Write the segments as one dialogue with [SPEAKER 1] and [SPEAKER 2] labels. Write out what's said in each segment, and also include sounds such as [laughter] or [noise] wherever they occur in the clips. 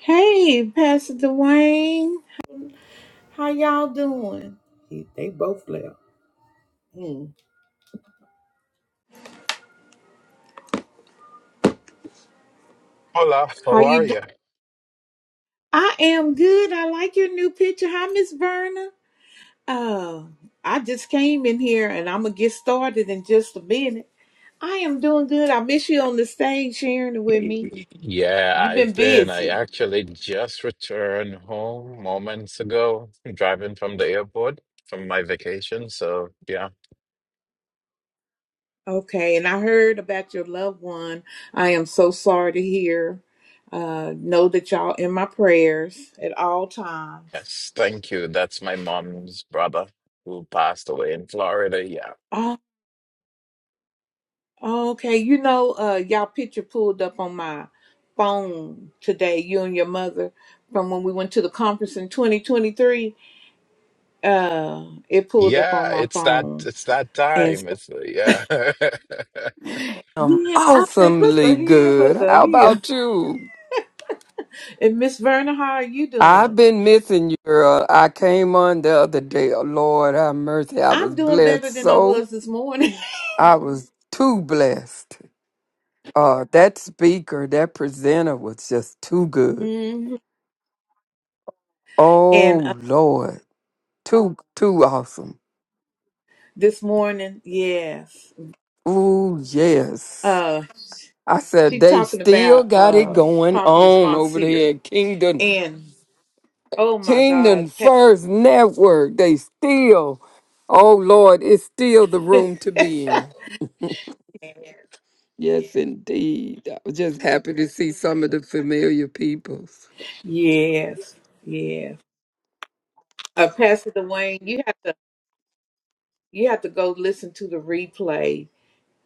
[SPEAKER 1] Hey, Pastor Dwayne, how y'all doing? He- They both left. Mm.
[SPEAKER 2] Hola,
[SPEAKER 1] How
[SPEAKER 2] how are
[SPEAKER 1] you doing?
[SPEAKER 2] you?
[SPEAKER 1] I am good. I like your new picture. Hi, Miss Verna. Oh, I just came in here and I'm gonna get started in just a minute. I am doing good. I miss you on the stage sharing it with me.
[SPEAKER 2] Yeah,
[SPEAKER 1] You've been
[SPEAKER 2] I've been. I
[SPEAKER 1] busy.
[SPEAKER 2] actually just returned home moments ago, driving from the airport from my vacation. So, yeah.
[SPEAKER 1] Okay, and I heard about your loved one. I am so sorry to hear. Uh, know that y'all in my prayers at all times.
[SPEAKER 2] Yes, thank you. That's my mom's brother who passed away in Florida. Yeah.
[SPEAKER 1] Okay, you know, uh, y'all picture pulled up on my phone today, you and your mother, from when we went to the conference in 2023. Uh, it pulled up on
[SPEAKER 2] Yeah,
[SPEAKER 1] my
[SPEAKER 2] it's that
[SPEAKER 1] phone.
[SPEAKER 2] it's that
[SPEAKER 1] And
[SPEAKER 2] time.
[SPEAKER 1] so,
[SPEAKER 2] It's yeah.
[SPEAKER 3] I'm
[SPEAKER 1] yeah, I said, look a
[SPEAKER 3] awesomely
[SPEAKER 1] here,
[SPEAKER 3] good.
[SPEAKER 1] look a
[SPEAKER 3] How
[SPEAKER 1] here. [laughs]
[SPEAKER 3] about you?
[SPEAKER 1] And Miss Verna, how are you
[SPEAKER 3] I've
[SPEAKER 1] doing?
[SPEAKER 3] been missing you, girl. I came on the other day. Oh, Lord have mercy. I
[SPEAKER 1] I'm
[SPEAKER 3] was
[SPEAKER 1] doing
[SPEAKER 3] blessed
[SPEAKER 1] better than I
[SPEAKER 3] so.
[SPEAKER 1] was this morning.
[SPEAKER 3] I was too blessed. Uh, that speaker, that presenter was just too
[SPEAKER 1] [laughs]
[SPEAKER 3] good.
[SPEAKER 1] hmm And uh,
[SPEAKER 3] Oh, Lord. Too, too awesome.
[SPEAKER 1] this morning, yes.
[SPEAKER 3] Ooh, yes.
[SPEAKER 1] Uh,
[SPEAKER 3] I said,
[SPEAKER 1] she
[SPEAKER 3] they
[SPEAKER 1] talking
[SPEAKER 3] still
[SPEAKER 1] about
[SPEAKER 3] got it
[SPEAKER 1] uh,
[SPEAKER 3] going
[SPEAKER 1] Prophetess
[SPEAKER 3] on
[SPEAKER 1] Von
[SPEAKER 3] over
[SPEAKER 1] Seer.
[SPEAKER 3] there at Kingdom
[SPEAKER 1] And oh my God,
[SPEAKER 3] Kingdom First Network. They still, oh Lord, it's still the
[SPEAKER 1] Pat.
[SPEAKER 3] room to
[SPEAKER 1] [laughs]
[SPEAKER 3] be in. Yes, indeed. I was just happy to see some of the familiar peoples.
[SPEAKER 1] Yes, yes. Uh, Pastor Dwayne, you have to you have to go listen to the replay.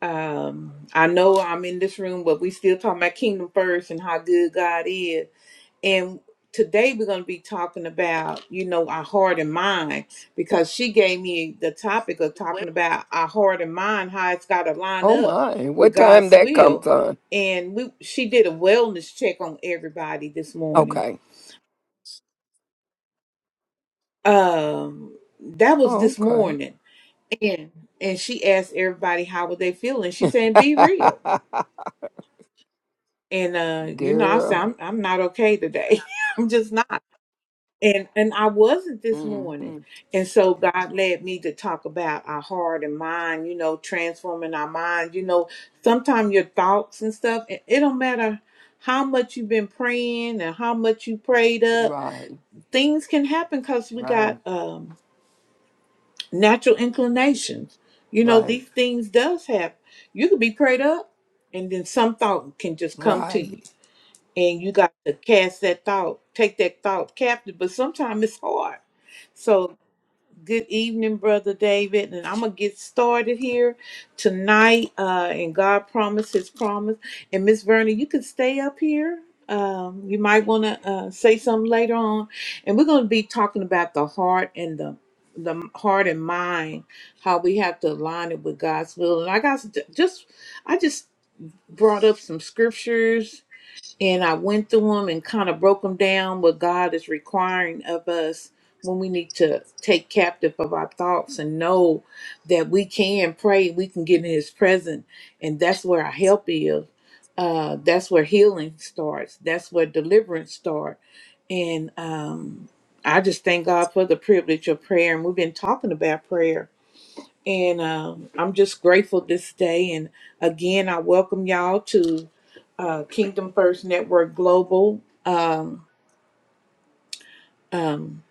[SPEAKER 1] Um, I know I'm in this room, but we still talking about kingdom first and how good God is. And today we're going to be talking about you know our heart and mind because she gave me the topic of talking about our heart and mind, how it's got to line
[SPEAKER 3] Oh
[SPEAKER 1] up
[SPEAKER 3] my,
[SPEAKER 1] with
[SPEAKER 3] what time
[SPEAKER 1] God's
[SPEAKER 3] that
[SPEAKER 1] will.
[SPEAKER 3] comes on?
[SPEAKER 1] And we she did a wellness check on everybody this morning.
[SPEAKER 3] Okay.
[SPEAKER 1] Um, that was
[SPEAKER 3] Oh,
[SPEAKER 1] this
[SPEAKER 3] okay.
[SPEAKER 1] morning Yeah. And she asked everybody how were they feeling. She said, be real. And uh,
[SPEAKER 3] [laughs]
[SPEAKER 1] you know, I said,
[SPEAKER 3] Girl.
[SPEAKER 1] I'm I'm not okay today. [laughs] I'm just not. And and I wasn't this
[SPEAKER 3] hmm
[SPEAKER 1] morning. And so God led me to talk about our heart and mind, you know, transforming our mind. You know, sometimes your thoughts and stuff, it, it don't matter how much you've been praying and how much you prayed up,
[SPEAKER 3] Right,
[SPEAKER 1] things can happen because we
[SPEAKER 3] right,
[SPEAKER 1] got um natural inclinations. You know,
[SPEAKER 3] right,
[SPEAKER 1] these things does happen. You could be prayed up and then some thought can just come to you.
[SPEAKER 3] right.
[SPEAKER 1] And you got to cast that thought, take that thought captive. But sometimes it's hard. So Good evening, Brother David. And I'm going to get started here tonight. Uh, and God promised his promise. And Miss Verna, you can stay up here. Um, you might want to uh, say something later on. And we're going to be talking about the heart and the the heart and mind, how we have to align it with God's will. And I got s- just, I just brought up some scriptures and I went through them and kind of broke them down what God is requiring of us when we need to take captive of our thoughts and know that we can pray, we can get in His presence, and that's where our help is. Uh, that's where healing starts. That's where deliverance starts. And um, I just thank God for the privilege of prayer. And we've been talking about prayer and um, I'm just grateful this day. And again, I welcome y'all to uh, Kingdom First Network Global. Um, um,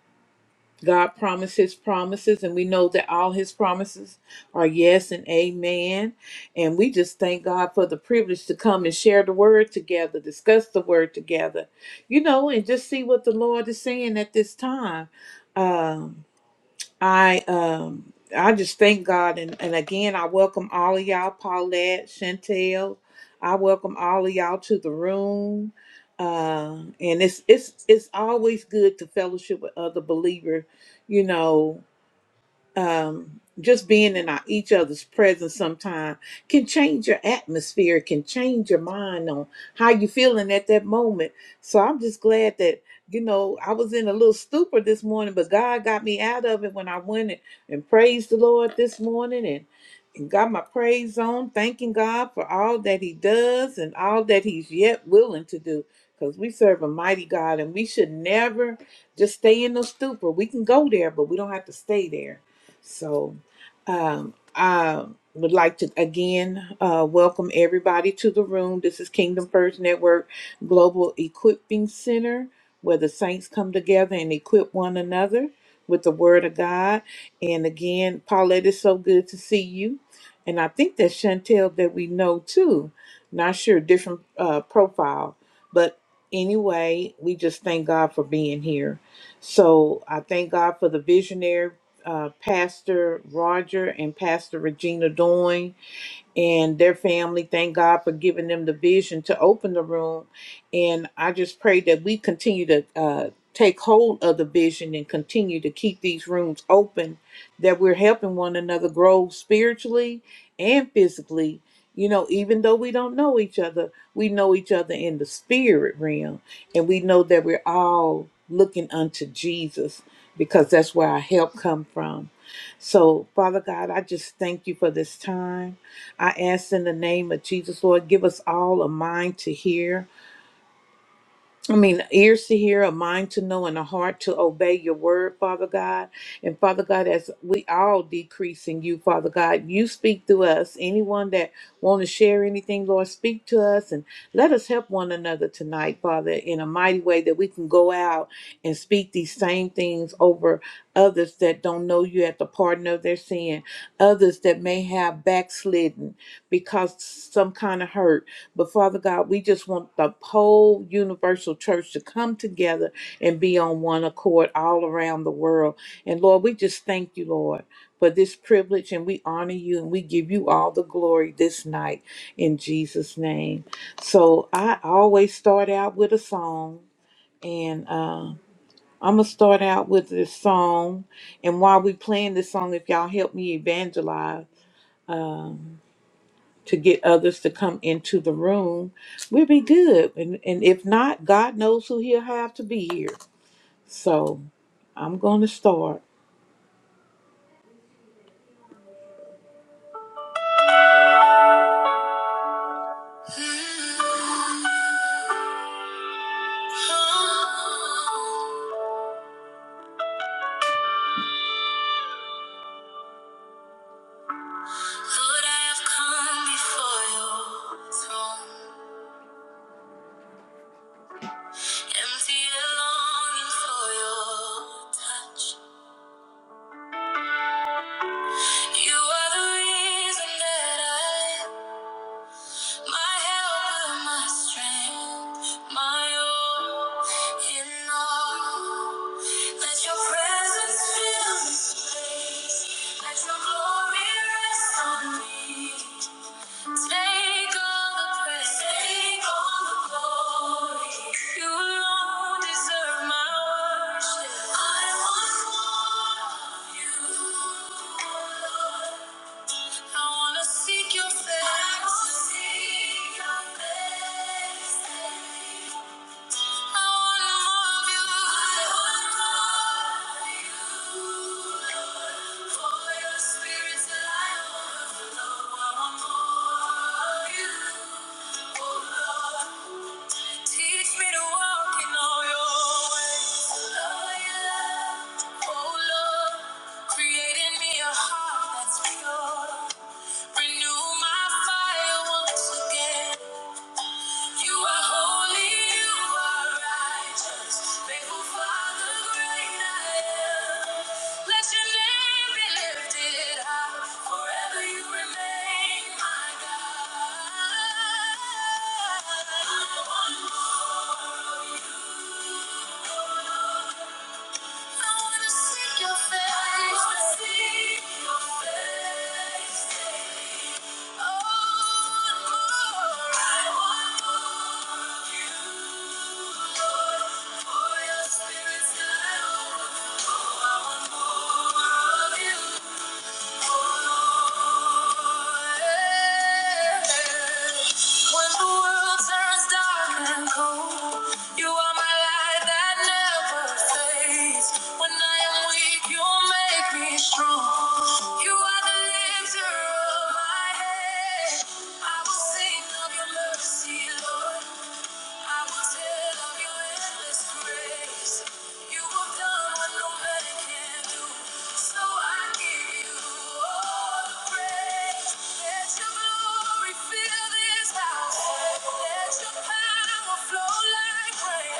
[SPEAKER 1] God promises promises, and we know that all His promises are yes and amen. And we just thank God for the privilege to come and share the word together, discuss the word together, you know, and just see what the Lord is saying at this time. Um, I um I just thank God and, and again I welcome all of y'all, Paulette, Chantel. I welcome all of y'all to the room. Uh, and it's it's it's always good to fellowship with other believers, you know um, just being in our, each other's presence sometime can change your atmosphere, can change your mind on how you feeling at that moment. So I'm just glad that, you know, I was in a little stupor this morning, but God got me out of it when I went and, and praised the Lord this morning and, and got my praise on, thanking God for all that He does and all that He's yet willing to do. Because we serve a mighty God and we should never just stay in the stupor. We can go there, but we don't have to stay there. So um, I would like to again uh, welcome everybody to the room. This is Kingdom First Network Global Equipping Center, where the saints come together and equip one another with the Word of God. And again, Paulette, it's so good to see you. And I think that's Chantel that we know too. Not sure, different uh, profile. But anyway, we just thank God for being here. So I thank God for the visionary uh, Pastor Roger and Pastor Regina Doyne and their family. Thank God for giving them the vision to open the room. And I just pray that we continue to uh, take hold of the vision and continue to keep these rooms open, that we're helping one another grow spiritually and physically. You know, even though we don't know each other, we know each other in the spirit realm, and we know that we're all looking unto Jesus because that's where our help come from. So, Father God, I just thank you for this time. I ask in the name of Jesus, Lord, give us all a mind to hear. I mean, ears to hear, a mind to know, and a heart to obey your word, Father God. And Father God, as we all decrease in you, Father God, you speak through us. Anyone that want to share anything, Lord, speak to us and let us help one another tonight, Father, in a mighty way that we can go out and speak these same things over others that don't know you at the pardon of their sin, others that may have backslidden because some kind of hurt but Father God, we just want the whole universal church to come together and be on one accord all around the world. And Lord, we just thank you, Lord, for this privilege and we honor you and we give you all the glory this night in Jesus' name. So I always start out with a song and uh, I'm going to start out with this song. And while we playing this song, if y'all help me evangelize, to get others to come into the room, we'll be good. And, and if not, God knows who He'll have to be here. So I'm going to start. Lord, I have come before your throne, empty and longing for your touch. You are the reason that I My helper, my strength, my all in all. Let your presence fill this place. Let your glory rest on me. Take all the praise. Take all the glory. You alone deserve my worship. I want more of you. I wanna seek your face. I wanna more of you. Lord. For your spirit till I overflow. I want more of you, oh Lord. Teach me to walk in all your ways. Love your love, oh Lord. Create in me a heart that's pure. Renew my fire once again. You are holy, you are righteous, faithful Father, great I am. Let your name be lifted high, forever you remain, my God. I want more of you, When the world turns dark and cold, you are my light that never fades. When I am weak, you make me strong. You are the lifter of my head. I will sing of your mercy, Lord. I will tell of your endless grace. You have done what no man can do. So I give you all the praise. Let your glory fill this house. Let your power flow like rain.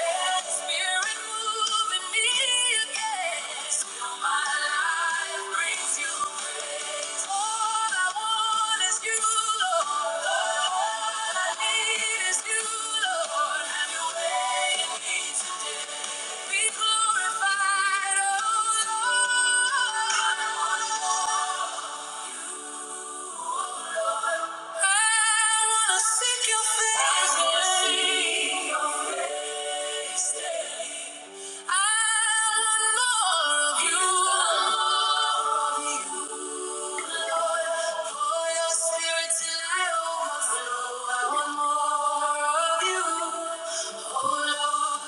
[SPEAKER 1] Spirit, moving me again. Lord. I wanna seek your face. I want more of you. Lord. Pour your spirit till I overflow. I want more of you. Oh, Lord.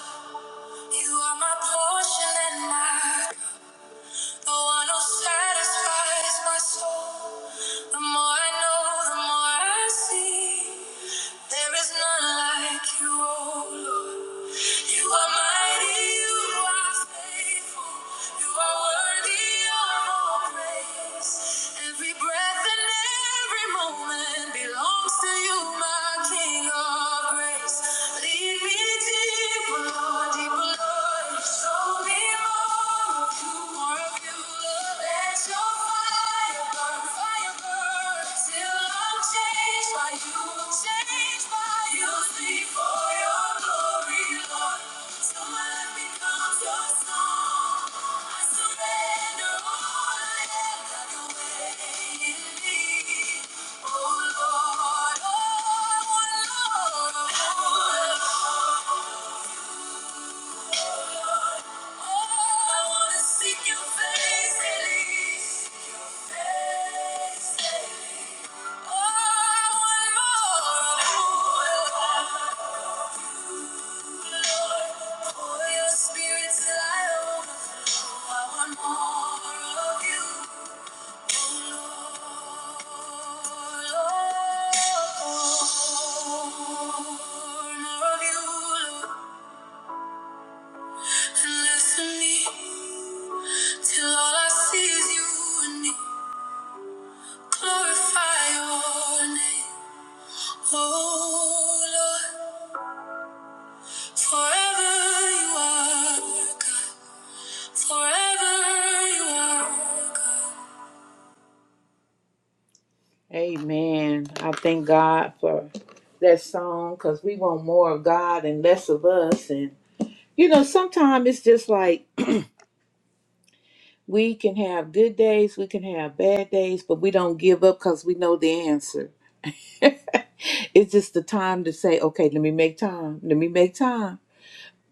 [SPEAKER 1] You are my portion and my the one who satisfies my soul. The more I know, the more I see. There is none like you, oh Lord. You are mighty, you are faithful. You are worthy of all praise. Every breath and every moment belongs to you, my King of grace. Lead me deeper, Lord, deeper, Lord. so Oh Lord, oh Lord, oh Lord. More of you, Oh, Lord. Oh Amen. I thank God for that song because we want more of God and less of us. And you know, sometimes it's just like We can have good days, we can have bad days, but we don't give up because we know the answer. [laughs] it's just the time to say, okay, let me make time. Let me make time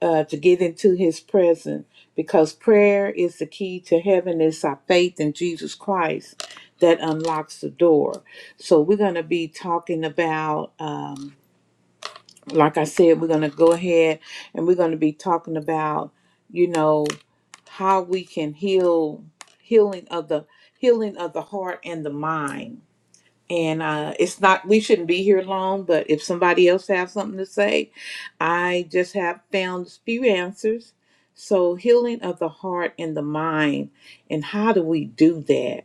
[SPEAKER 1] uh, to get into his presence because prayer is the key to heaven. It's our faith in Jesus Christ that unlocks the door. So we're going to be talking about. Um, like I said, we're going to go ahead and we're going to be talking about, you know, how we can heal healing of the healing of the heart and the mind. And uh, it's not we shouldn't be here long, but if somebody else has something to say, I just have found a few answers. So healing of the heart and the mind, and how do we do that?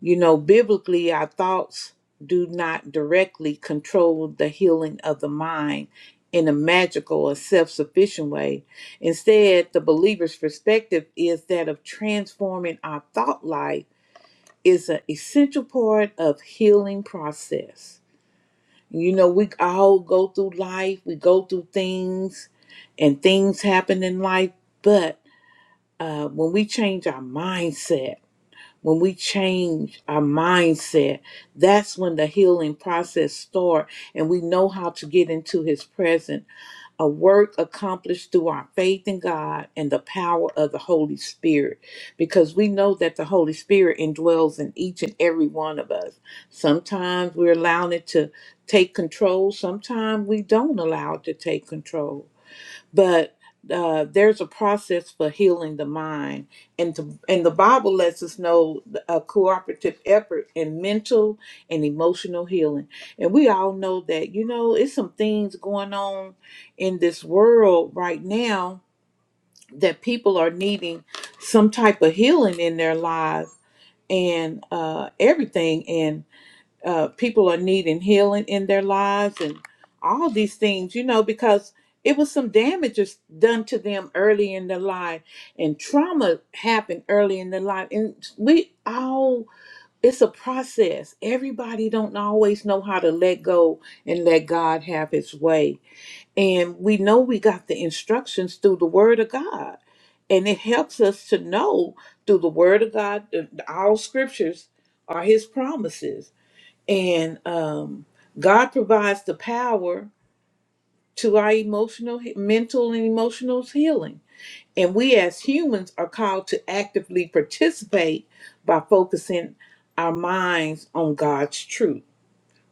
[SPEAKER 1] You know, biblically, our thoughts do not directly control the healing of the mind in a magical or self sufficient way. Instead, the believer's perspective is that of transforming our thought life is an essential part of healing process. You know, we all go through life, we go through things, and things happen in life, but uh, when we change our mindset, when we change our mindset that's when the healing process start and we know how to get into his presence a work accomplished through our faith in god and the power of the holy spirit because we know that the holy spirit indwells in each and every one of us sometimes we're allowing it to take control sometimes we don't allow it to take control but uh, there's a process for healing the mind and to, and the bible lets us know a cooperative effort in mental and emotional healing and we all know that you know it's some things going on in this world right now that people are needing some type of healing in their lives and uh, everything And uh, people are needing healing in their lives and all these things, you know, because it was some damages done to them early in their life and trauma happened early in their life. And we all, it's a process. Everybody don't always know how to let go and let God have his way. And we know we got the instructions through the word of God. And it helps us to know through the word of God, that all scriptures are his promises and um, God provides the power to our emotional, mental, and emotional healing. And we as humans are called to actively participate by focusing our minds on God's truth.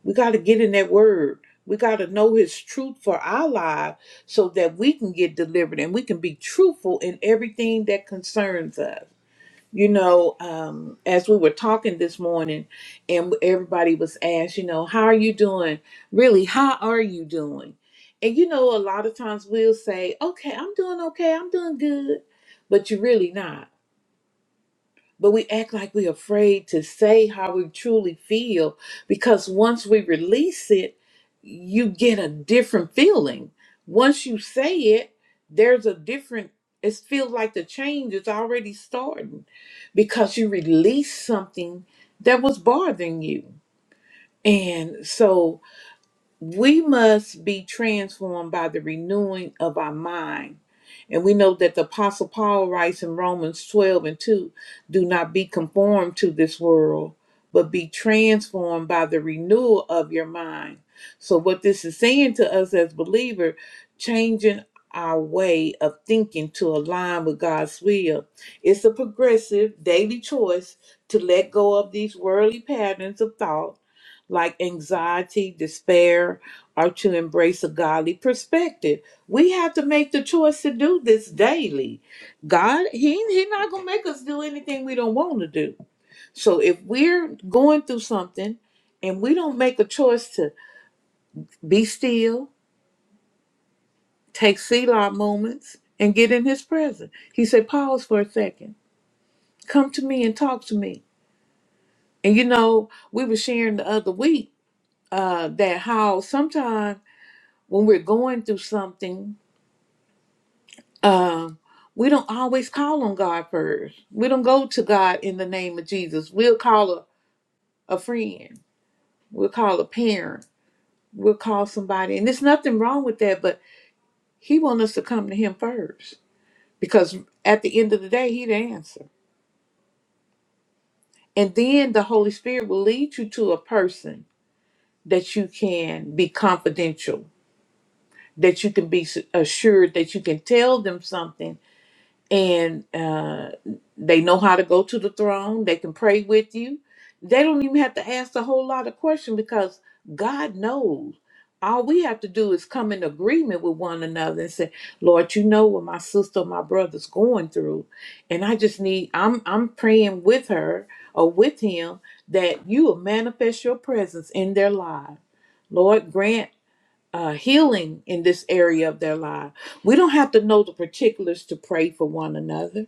[SPEAKER 1] We got to get in that word. We got to know his truth for our lives so that we can get delivered and we can be truthful in everything that concerns us you know, um, as we were talking this morning, and everybody was asked, you know, how are you doing? Really, how are you doing? And you know, a lot of times we'll say, okay, I'm doing okay, I'm doing good, but you're really not but we act like we're afraid to say how we truly feel because once we release it, you get a different feeling. Once you say it, there's a different, it feels like the change is already starting because you release something that was bothering you. And so, we must be transformed by the renewing of our mind. And we know that the Apostle Paul writes in Romans 12 and 2 do not be conformed to this world, but be transformed by the renewal of your mind. So, what this is saying to us as believers, changing our way of thinking to align with God's will. It's a progressive daily choice to let go of these worldly patterns of thought like anxiety, despair, or to embrace a godly perspective. We have to make the choice to do this daily. God, He He's not gonna make us do anything we don't want to do. So if we're going through something and we don't make a choice to be still, take Selah moments, and get in his presence. He said, pause for a second. Come to me and talk to me. And you know, we were sharing the other week uh, that how sometimes when we're going through something um, we don't always call on God first. We don't go to God in the name of Jesus. We'll call a, a friend. We'll call a parent. We'll call somebody. And there's nothing wrong with that, but he wants us to come to him first because at the end of the day, he the answer. And then the Holy Spirit will lead you to a person that you can be confidential, that you can be s- assured, that you can tell them something and uh, they know how to go to the throne. They can pray with you. They don't even have to ask a whole lot of questions because God knows. All we have to do is come in agreement with one another and say, "Lord, you know what my sister, or my brother's going through, and I just need. I'm I'm praying with her or with him that you will manifest your presence in their life. Lord, grant." uh, healing in this area of their life. We don't have to know the particulars to pray for one another.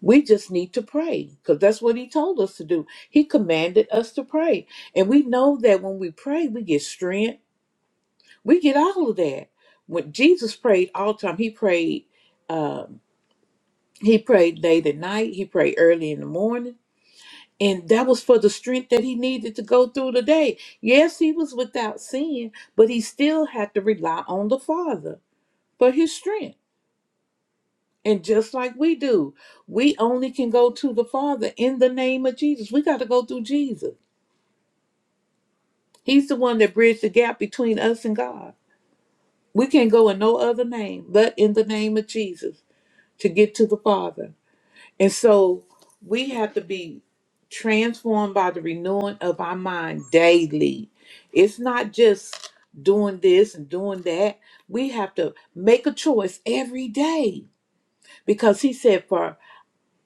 [SPEAKER 1] We just need to pray because that's what he told us to do. He commanded us to pray. And we know that when we pray, we get strength, we get all of that. When Jesus prayed all the time, he prayed, um, he prayed late at night, he prayed early in the morning. And that was for the strength that he needed to go through the day. Yes, he was without sin, but he still had to rely on the Father. but his strength. And just like we do, we only can go to the Father in the name of Jesus. We got to go through Jesus. He's the one that bridged the gap between us and God. We can't go in no other name but in the name of Jesus to get to the Father. And so we have to be transformed by the renewing of our mind daily. It's not just doing this and doing that. We have to make a choice every day because he said, for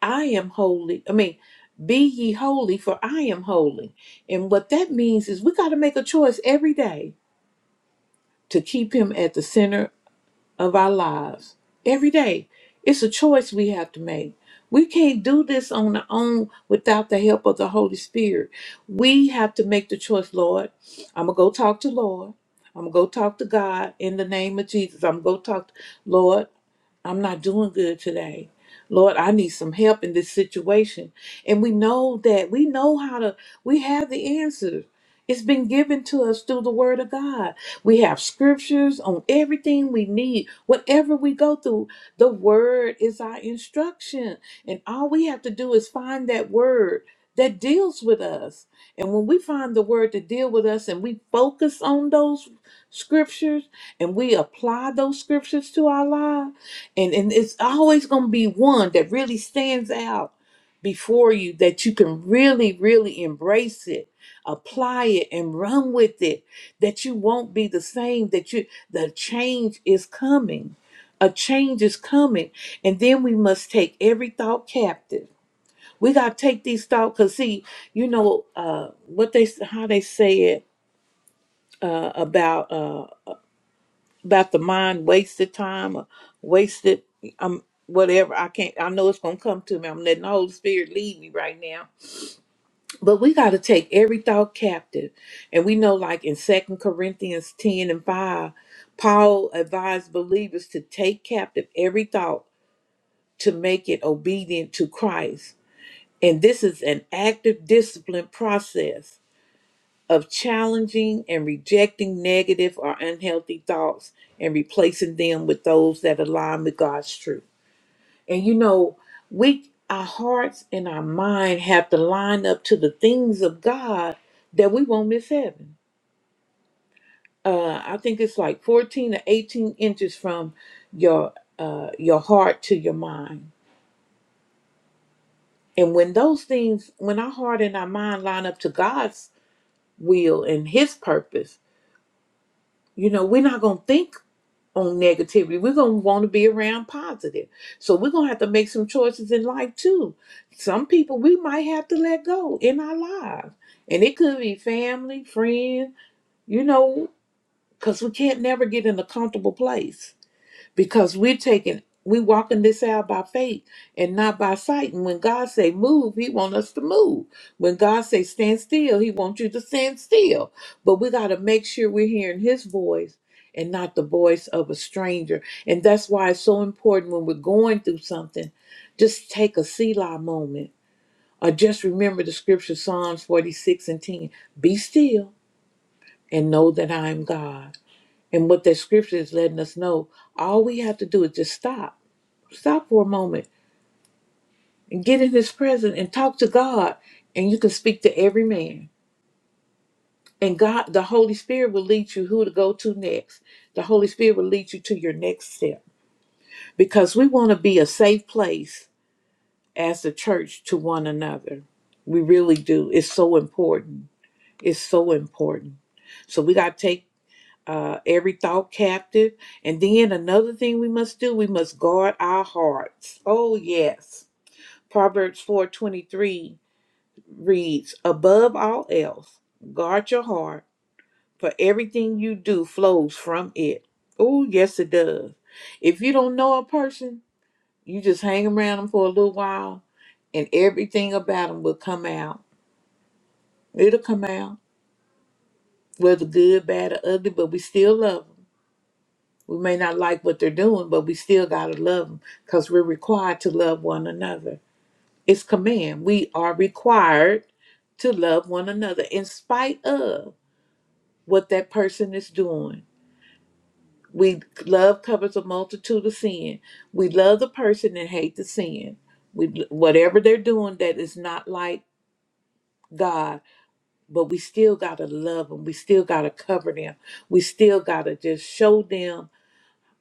[SPEAKER 1] I am holy. I mean, be ye holy, for I am holy. And what that means is we got to make a choice every day to keep him at the center of our lives. Every day. It's a choice we have to make. We can't do this on our own without the help of the Holy Spirit. We have to make the choice, Lord. I'm going to go talk to Lord. I'm going to go talk to God in the name of Jesus. I'm going to go talk to Lord. I'm not doing good today. Lord, I need some help in this situation. And we know that. We know how to, we have the answers. It's been given to us through the Word of God. We have scriptures on everything we need. Whatever we go through, the Word is our instruction. And all we have to do is find that Word that deals with us. And when we find the Word to deal with us and we focus on those scriptures and we apply those scriptures to our lives, and and it's always going to be one that really stands out before you that you can really really embrace it apply it and run with it that you won't be the same that you the change is coming a change is coming and then we must take every thought captive we got to take these thoughts because see you know uh what they how they say it uh about Uh, about the mind wasted time or wasted um whatever i can't i know it's gonna come to me i'm letting the holy spirit lead me right now but we got to take every thought captive and we know like in second corinthians 10 and 5 paul advised believers to take captive every thought to make it obedient to christ and this is an active discipline process of challenging and rejecting negative or unhealthy thoughts and replacing them with those that align with God's truth. And you know, we our hearts and our mind have to line up to the things of God that we won't miss heaven. Uh, I think it's like 14 or 18 inches from your uh, your heart to your mind. And when those things, when our heart and our mind line up to God's will and His purpose, you know, we're not gonna think on negativity. We're going to want to be around positive. So we're going to have to make some choices in life too. Some people we might have to let go in our lives. And it could be family, friends, you know, because we can't never get in a comfortable place because we're taking we walking this out by faith and not by sight and when god say move he want us to move when god say stand still he wants you to stand still but we got to make sure we're hearing his voice and not the voice of a stranger and that's why it's so important when we're going through something just take a selah moment or just remember the scripture psalms 46 and 10 be still and know that i am god and what that scripture is letting us know all we have to do is just stop Stop for a moment and get in his presence and talk to God, and you can speak to every man. And God, the Holy Spirit will lead you who to go to next. The Holy Spirit will lead you to your next step because we want to be a safe place as the church to one another. We really do. It's so important. It's so important. So we got to take uh, every thought captive. And then another thing we must do, we must guard our hearts. Oh, yes. Proverbs 4:23 reads Above all else, guard your heart, for everything you do flows from it. Oh, yes, it does. If you don't know a person, you just hang around them for a little while, and everything about them will come out. It'll come out, whether good, bad, or ugly, but we still love them. We may not like what they're doing, but we still got to love them because we're required to love one another. It's command. We are required to love one another in spite of. what that person is doing. We love covers a multitude of sin. We love the person and hate the sin. We whatever they're doing that is not like God, but we still gotta love them. We still gotta cover them. We still gotta just show them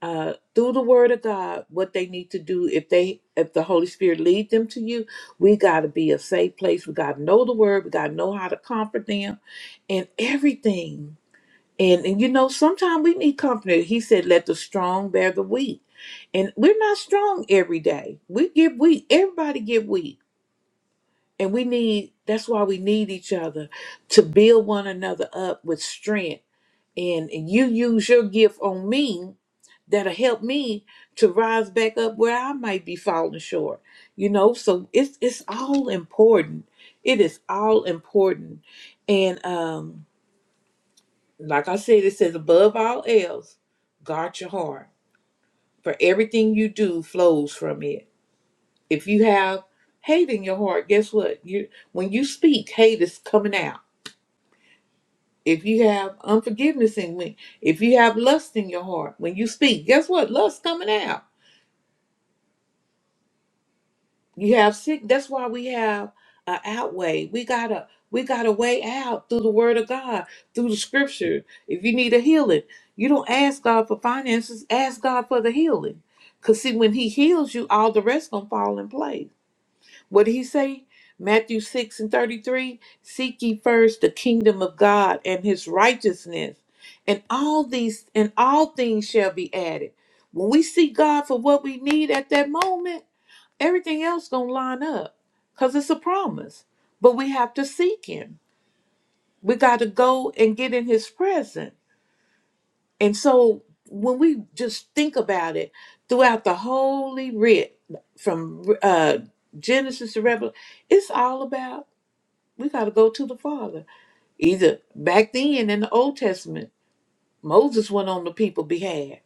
[SPEAKER 1] uh, through the Word of God what they need to do. If they if the Holy Spirit lead them to you, we gotta be a safe place. We gotta know the Word. We gotta know how to comfort them and everything And, and you know, sometimes we need company. He said, let the strong bear the weak. And we're not strong every day. We get weak. Everybody get weak. And we need, that's why we need each other to build one another up with strength. And, and you use your gift on me that'll help me to rise back up where I might be falling short. You know, so it's it's all important. It is all important. And um like I said, it says above all else, guard your heart. For everything you do flows from it. If you have hate in your heart, guess what? You when you speak, hate is coming out. If you have unforgiveness in when if you have lust in your heart, when you speak, guess what? Lust coming out. You have sick. That's why we have an outway. We gotta we gotta way out through the Word of God, through the Scripture. If you need a healing, you don't ask God for finances. Ask God for the healing. Cause see, when He heals you, all the rest gonna fall in place. What did He say? Matthew six and thirty three. Seek ye first the kingdom of God and His righteousness, and all these and all things shall be added. When we seek God for what we need at that moment everything else gonna line up because it's a promise but we have to seek him we got to go and get in his presence and so when we just think about it throughout the holy writ from uh genesis to revelation it's all about we got to go to the father either back then in the old testament moses went on the people behalf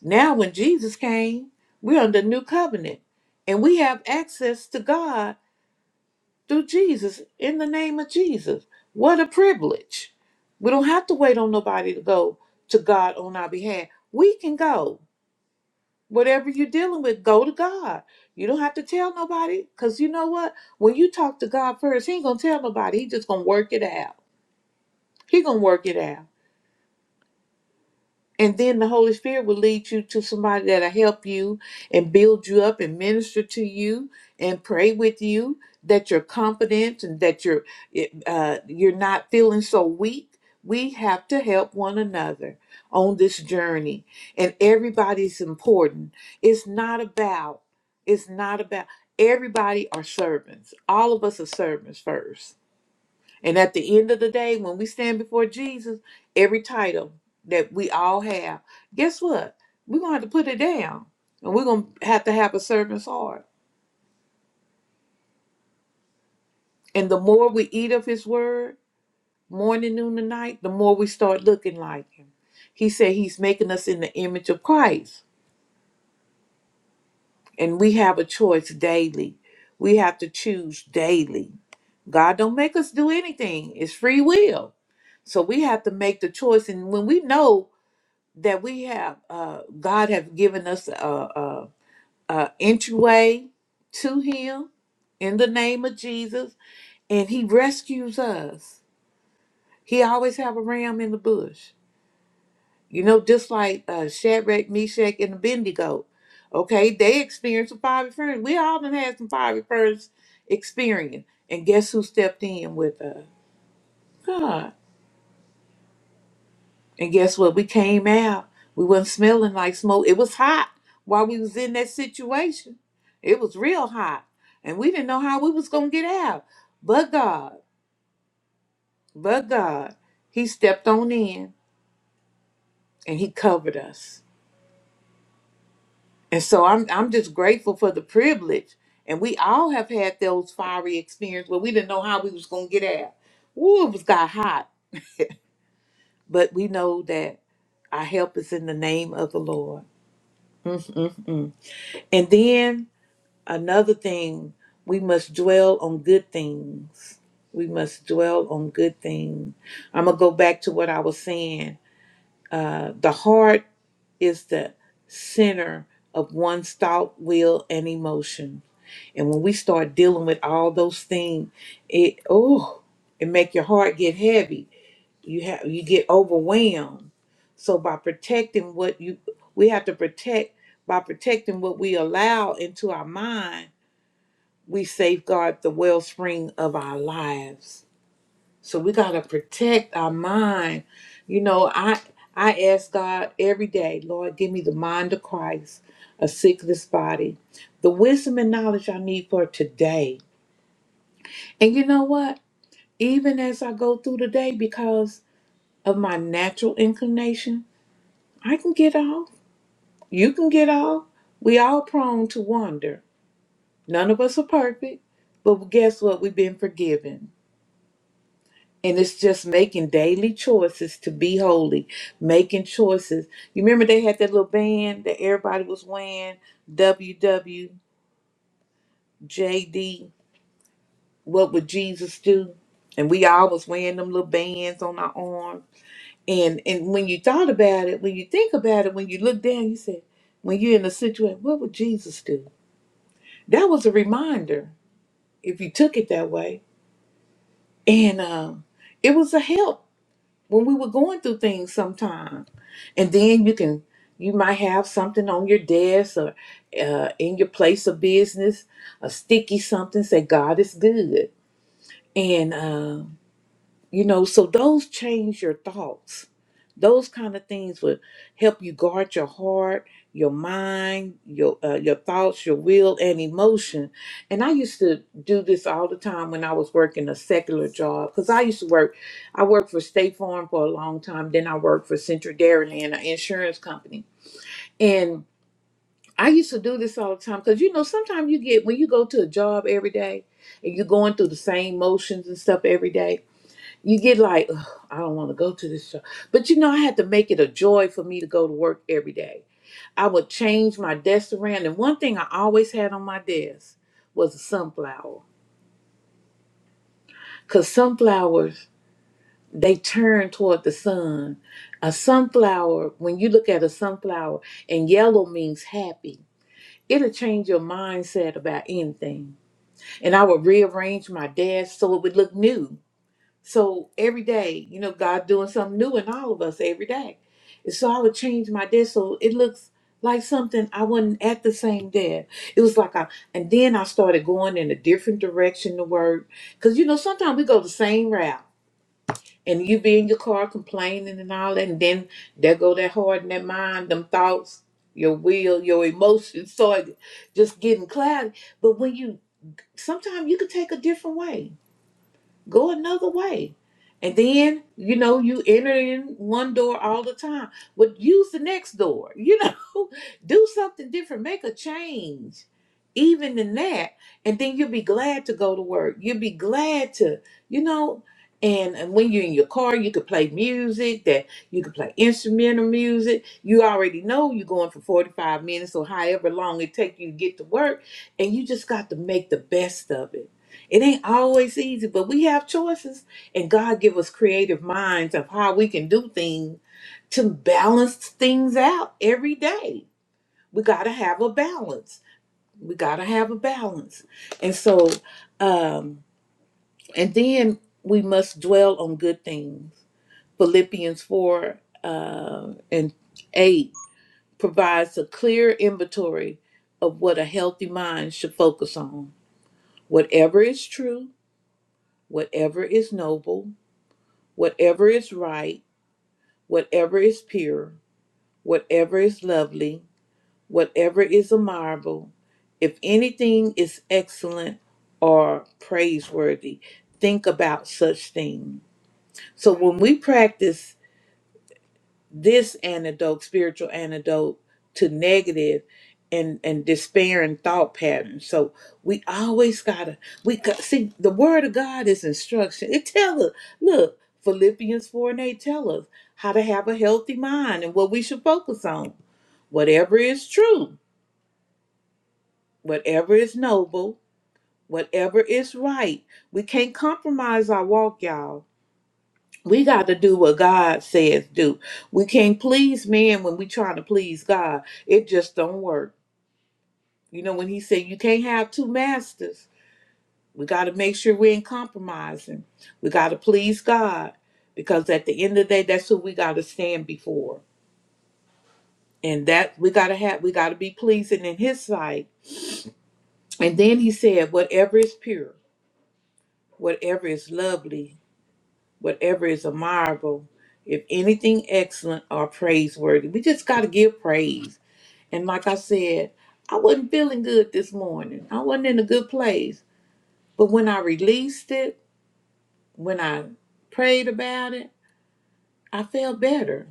[SPEAKER 1] now when jesus came we're under new covenant and we have access to god through Jesus in the name of Jesus. What a privilege. We don't have to wait on nobody to go to God on our behalf. We can go. Whatever you're dealing with, go to God. You don't have to tell nobody because you know what? When you talk to God first, He ain't going to tell nobody. He just going to work it out. He going to work it out. And then the Holy Spirit will lead you to somebody that'll help you and build you up and minister to you and pray with you that you're confident and that you're uh, you're not feeling so weak. We have to help one another on this journey, and everybody's important. It's not about. It's not about. Everybody are servants. All of us are servants first and at the end of the day, when we stand before Jesus, every title that we all have, guess what? We're going to have to put it down and we're going to have to have a servant's heart. And the more we eat of his word, morning, noon, and night, the more we start looking like him. He said he's making us in the image of Christ. And we have a choice daily. We have to choose daily. God don't make us do anything. It's free will. So we have to make the choice. And when we know that we have uh god have given us a, a, a entryway to him in the name of jesus and he rescues us he always have a ram in the bush you know just like uh shadrach meshach and abednego okay they experienced some fiery furnace we all done had some fiery furnace experience and guess who stepped in with us God. And guess what? We came out. We wasn't smelling like smoke. It was hot while we was in that situation. It was real hot. And we didn't know how we was gonna get out. But God, but God, He stepped on in and He covered us. And so I'm I'm just grateful for the privilege. And we all have had those fiery experiences where we didn't know how we was gonna get out. Ooh, it was got hot. But we know that our help is in the name of the Lord. Mm-mm. And then Another thing, we must dwell on good things. We must dwell on good things. I'm going to go back to what I was saying. Uh, the heart is the center of one's thought, will, and emotion. And when we start dealing with all those things, it oh, it make your heart get heavy. You have you get overwhelmed. So by protecting what you we have to protect by protecting what we allow into our mind we safeguard the wellspring of our lives. So we gotta protect our mind. You know, I I ask God every day, Lord, give me the mind of Christ, a sickless body, the wisdom and knowledge I need for today. And you know what? Even as I go through the day, because of my natural inclination, I can get off. You can get off. We all prone to wander. None of us are perfect, but guess what? We've been forgiven. And it's just making daily choices to be holy, making choices. You remember they had that little band that everybody was wearing, WWJD, What Would Jesus Do? And we all was wearing them little bands on our arms. And and when you thought about it, when you think about it, when you look down, you said, when you're in a situation, what would Jesus do? That was a reminder if you took it that way. And um, it was a help when we were going through things sometime and then you can you might have something on your desk or uh, in your place of business a sticky something say god is good and uh, you know so those change your thoughts those kind of things would help you guard your heart, your mind, your uh, your thoughts, your will, and emotion. And I used to do this all the time when I was working a secular job because I used to work. I worked for State Farm for a long time. Then I worked for Central Dairyland, an insurance company, and I used to do this all the time because you know sometimes you get when you go to a job every day and you're going through the same motions and stuff every day you get like, "Ugh, I don't want to go to this show. But you know, I had to make it a joy for me to go to work every day. I would change my desk around. And one thing I always had on my desk was a sunflower. Because sunflowers, they turn toward the sun. A sunflower, when you look at a sunflower, and yellow means happy, it'll change your mindset about anything. And I would rearrange my desk so it would look new So every day, you know, God doing something new in all of us every day. And so I would change my desk so it looks like something I wasn't at the same desk. It was like I, and then I started going in a different direction to work. Cause you know, sometimes we go the same route and you be in your car complaining and all that. And then there go that heart and that mind, them thoughts, your will, your emotions start just getting cloudy. But when you, sometimes you could take a different way go another way. And then, you know, you enter in one door all the time, but use the next door, you know, [laughs] do something different, make a change, even in that. And then you'll be glad to go to work. You'll be glad to, you know, and, and when you're in your car, you could play music that you could play instrumental music. You already know you're going for 45 minutes or however long it take you to get to work. And you just got to make the best of it it ain't always easy, but we have choices, and God give us creative minds of how we can do things to balance things out every day. We gotta have a balance. We gotta have a balance, and so, um, and then we must dwell on good things. Philippians four uh, and eight provides a clear inventory of what a healthy mind should focus on. Whatever is true, whatever is noble whatever is right, whatever is pure, whatever is lovely, whatever is admirable, if anything is excellent or praiseworthy, think about such things. So when we practice this antidote, spiritual antidote to negative and and despairing thought patterns. So we always gotta we got, see the word of God is instruction. It tells us look Philippians four and eight tell us how to have a healthy mind and what we should focus on. Whatever is true, whatever is noble, whatever is right. We can't compromise our walk, y'all we got to do what God says do. We can't please men when we trying to please God. It just don't work. You know, when he said you can't have two masters, we got to make sure we ain't compromising. We got to please God because at the end of the day, that's who we got to stand before. And that we got to have, we got to be pleasing in his sight. And then he said, whatever is pure, whatever is lovely, whatever is admirable, if anything excellent or praiseworthy, we just got to give praise And like I said, I wasn't feeling good this morning. I wasn't in a good place. But when I released it, when I prayed about it, I felt better.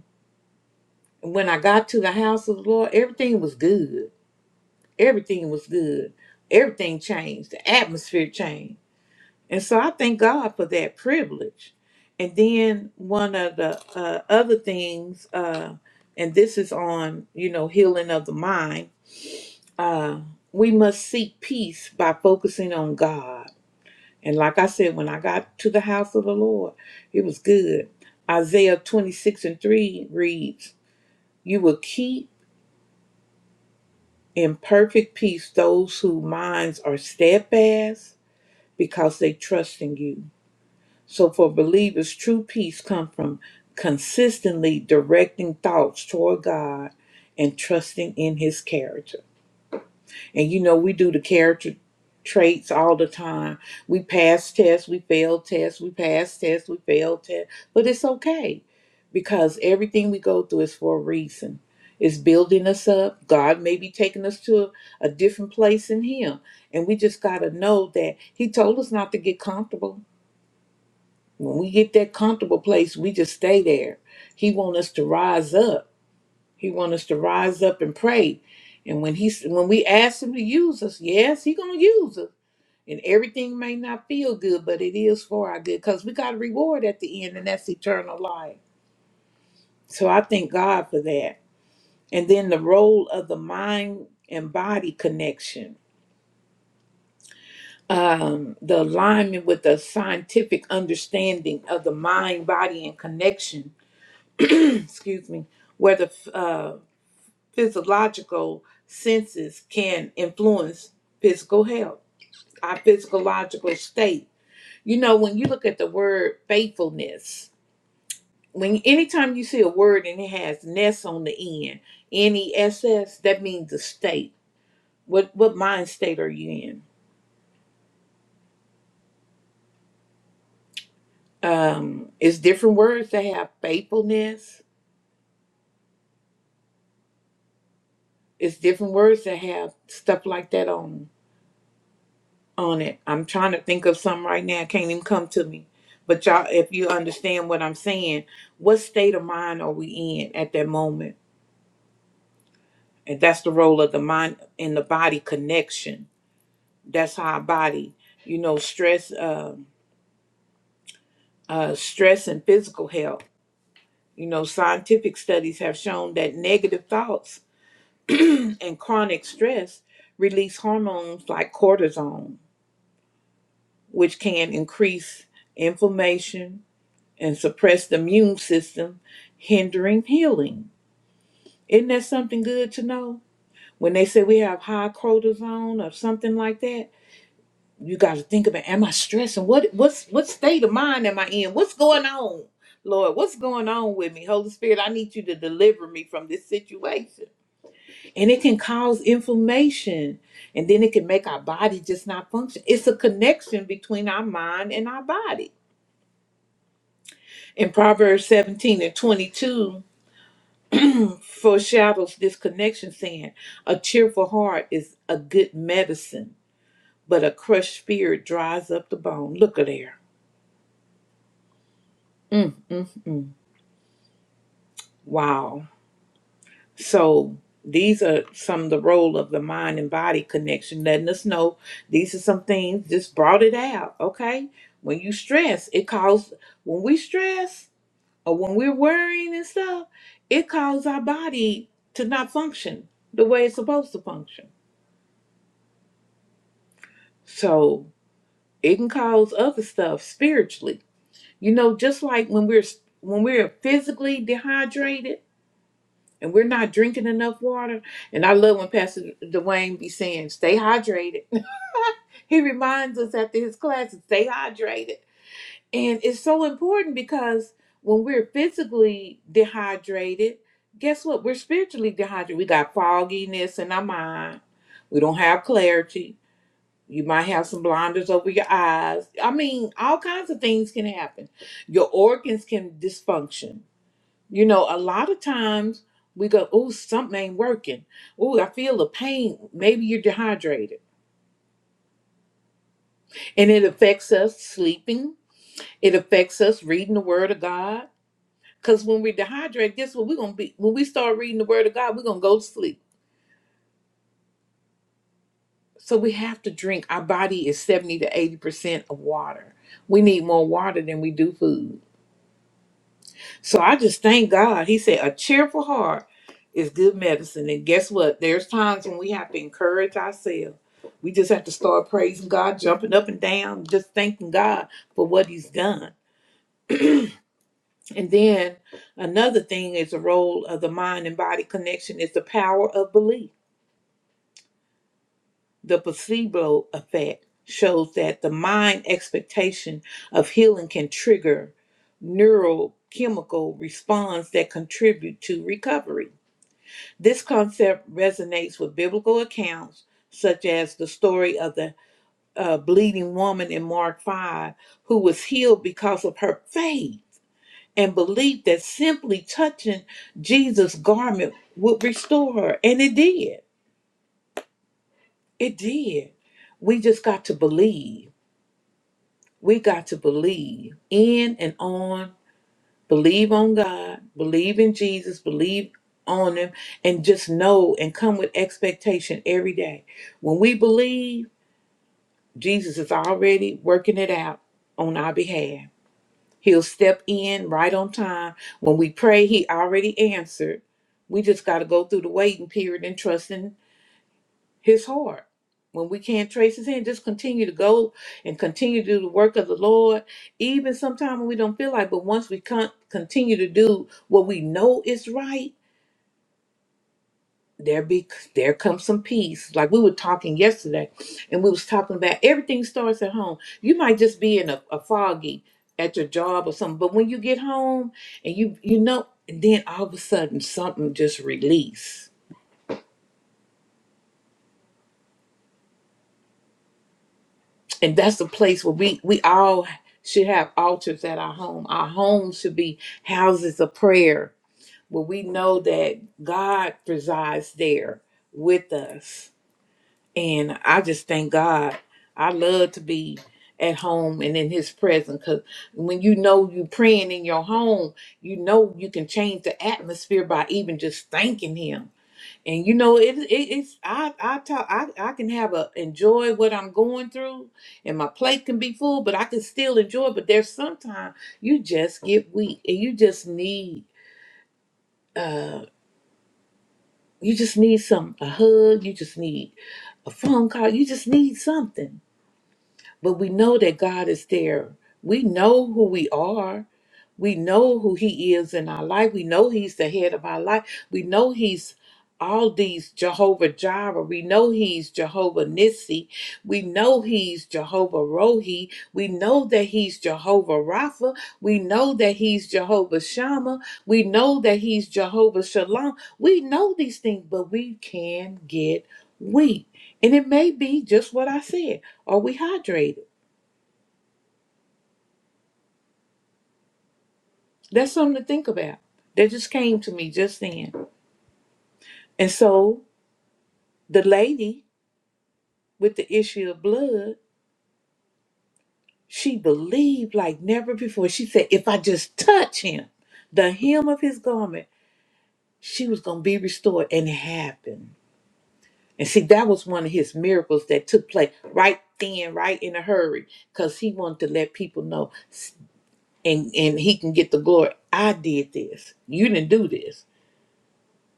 [SPEAKER 1] And when I got to the house of the Lord, everything was good. Everything was good. Everything changed. The atmosphere changed. And so I thank God for that privilege. And then one of the uh, other things, uh, and this is on, you know, healing of the mind Uh, we must seek peace by focusing on God. And like I said, when I got to the house of the Lord, it was good. Isaiah 26 and 3 reads, You will keep in perfect peace those whose minds are steadfast because they trust in you. So for believers, true peace comes from consistently directing thoughts toward God and trusting in his character. And you know, we do the character traits all the time. We pass tests, we fail tests, we pass tests, we fail tests. But it's okay because everything we go through is for a reason. It's building us up. God may be taking us to a, a different place in Him. And we just got to know that He told us not to get comfortable. When we get that comfortable place, we just stay there. He wants us to rise up he wants us to rise up and pray. And when he when we ask him to use us, yes, he gonna use us. And everything may not feel good, but it is for our good because we got a reward at the end, and that's eternal life. So I thank God for that. And then the role of the mind and body connection, um, the alignment with the scientific understanding of the mind, body, and connection. [clears throat] excuse me, whether physiological senses can influence physical health, our physiological state. You know, when you look at the word faithfulness, when anytime you see a word and it has ness on the end, N E S S, that means the state. What what mind state are you in? Um, it's different words that have faithfulness. It's different words that have stuff like that on. on it. I'm trying to think of something right now. It Can't even come to me. But y'all, if you understand what I'm saying, what state of mind are we in at that moment? And that's the role of the mind and the body connection. That's how our body, you know, stress, uh, uh, stress and physical health. You know, scientific studies have shown that negative thoughts and chronic stress release hormones like cortisone, which can increase inflammation, and suppress the immune system, hindering healing. Isn't that something good to know? When they say we have high cortisone or something like that, you got to think about: Am I stressing? What what's what state of mind am I in? What's going on, Lord? What's going on with me, Holy Spirit? I need you to deliver me from this situation. And it can cause inflammation, and then it can make our body just not function. It's a connection between our mind and our body. In Proverbs seventeen and twenty two. foreshadows this connection, saying, A cheerful heart is a good medicine, but a crushed spirit dries up the bone. Look at there. Mm, mm, mm. Wow. So these are some of the role of the mind and body connection, letting us know these are some things just brought it out. Okay. When you stress, it causes when we stress or when we're worrying and stuff, it causes our body to not function the way it's supposed to function. So It can cause other stuff spiritually. You know, just like when we're when we're physically dehydrated and we're not drinking enough water. And I love when Pastor Dwayne be saying, "Stay hydrated." [laughs] He reminds us after his classes, "Stay hydrated," and it's so important because when we're physically dehydrated, guess what? We're spiritually dehydrated. We got fogginess in our mind. We don't have clarity you might have some blinders over your eyes. I mean, all kinds of things can happen. Your organs can dysfunction. You know, a lot of times we go, oh, something ain't working. Oh, I feel the pain. Maybe you're dehydrated. And it affects us sleeping. It affects us reading the word of God. Because when we're dehydrated, guess what? We're gonna be when we start reading the word of God, we're gonna go to sleep. So we have to drink. Our body is 70 to 80% of water. We need more water than we do food. So I just thank God. He said, a cheerful heart is good medicine. And guess what? There's times when we have to encourage ourselves. We just have to start praising God, jumping up and down, just thanking God for what He's done. And then another thing is the role of the mind and body connection is the power of belief. The placebo effect shows that the mind expectation of healing can trigger neurochemical response that contribute to recovery This concept resonates with biblical accounts, such as the story of the uh, bleeding woman in Mark 5, who was healed because of her faith and belief that simply touching Jesus' garment would restore her. And it did. It did. We just got to believe. We got to believe in and on Believe on God, believe in Jesus, believe on Him, and just know and come with expectation every day. When we believe, Jesus is already working it out on our behalf. He'll step in right on time. When we pray, He already answered. We just got to go through the waiting period and trusting his heart. When we can't trace his hand, just continue to go and continue to do the work of the Lord, even sometimes when we don't feel like. But once we con- continue to do what we know is right, there be there comes some peace. Like we were talking yesterday, and we was talking about everything starts at home. You might just be in a, a foggy at your job or something, but when you get home and you you know, and then all of a sudden something just release and that's the place where we we all should have altars at our home our home should be houses of prayer where we know that god presides there with us and i just thank god i love to be at home and in his presence because when you know you praying in your home you know you can change the atmosphere by even just thanking him and you know, it, it it's I I talk I, I can have a enjoy what I'm going through and my plate can be full, but I can still enjoy. But there's sometimes you just get weak and you just need uh you just need some a hug, you just need a phone call, you just need something. But we know that God is there. We know who we are. We know who He is in our life. We know He's the head of our life. We know He's all these Jehovah Jireh. We know He's Jehovah Nissi. We know He's Jehovah Rohi. We know that He's Jehovah Rapha. We know that He's Jehovah Shammah. We know that He's Jehovah Shalom. We know these things, but we can get weak. And it may be just what I said. Are we hydrated? That's something to think about. That just came to me just then. And so the lady with the issue of blood, she believed like never before. She said, if I just touch him, the hem of his garment, she was going to be restored. And it happened. And see, that was one of his miracles that took place right then, right in a hurry, because he wanted to let people know s- and, and he can get the glory. I did this. You didn't do this.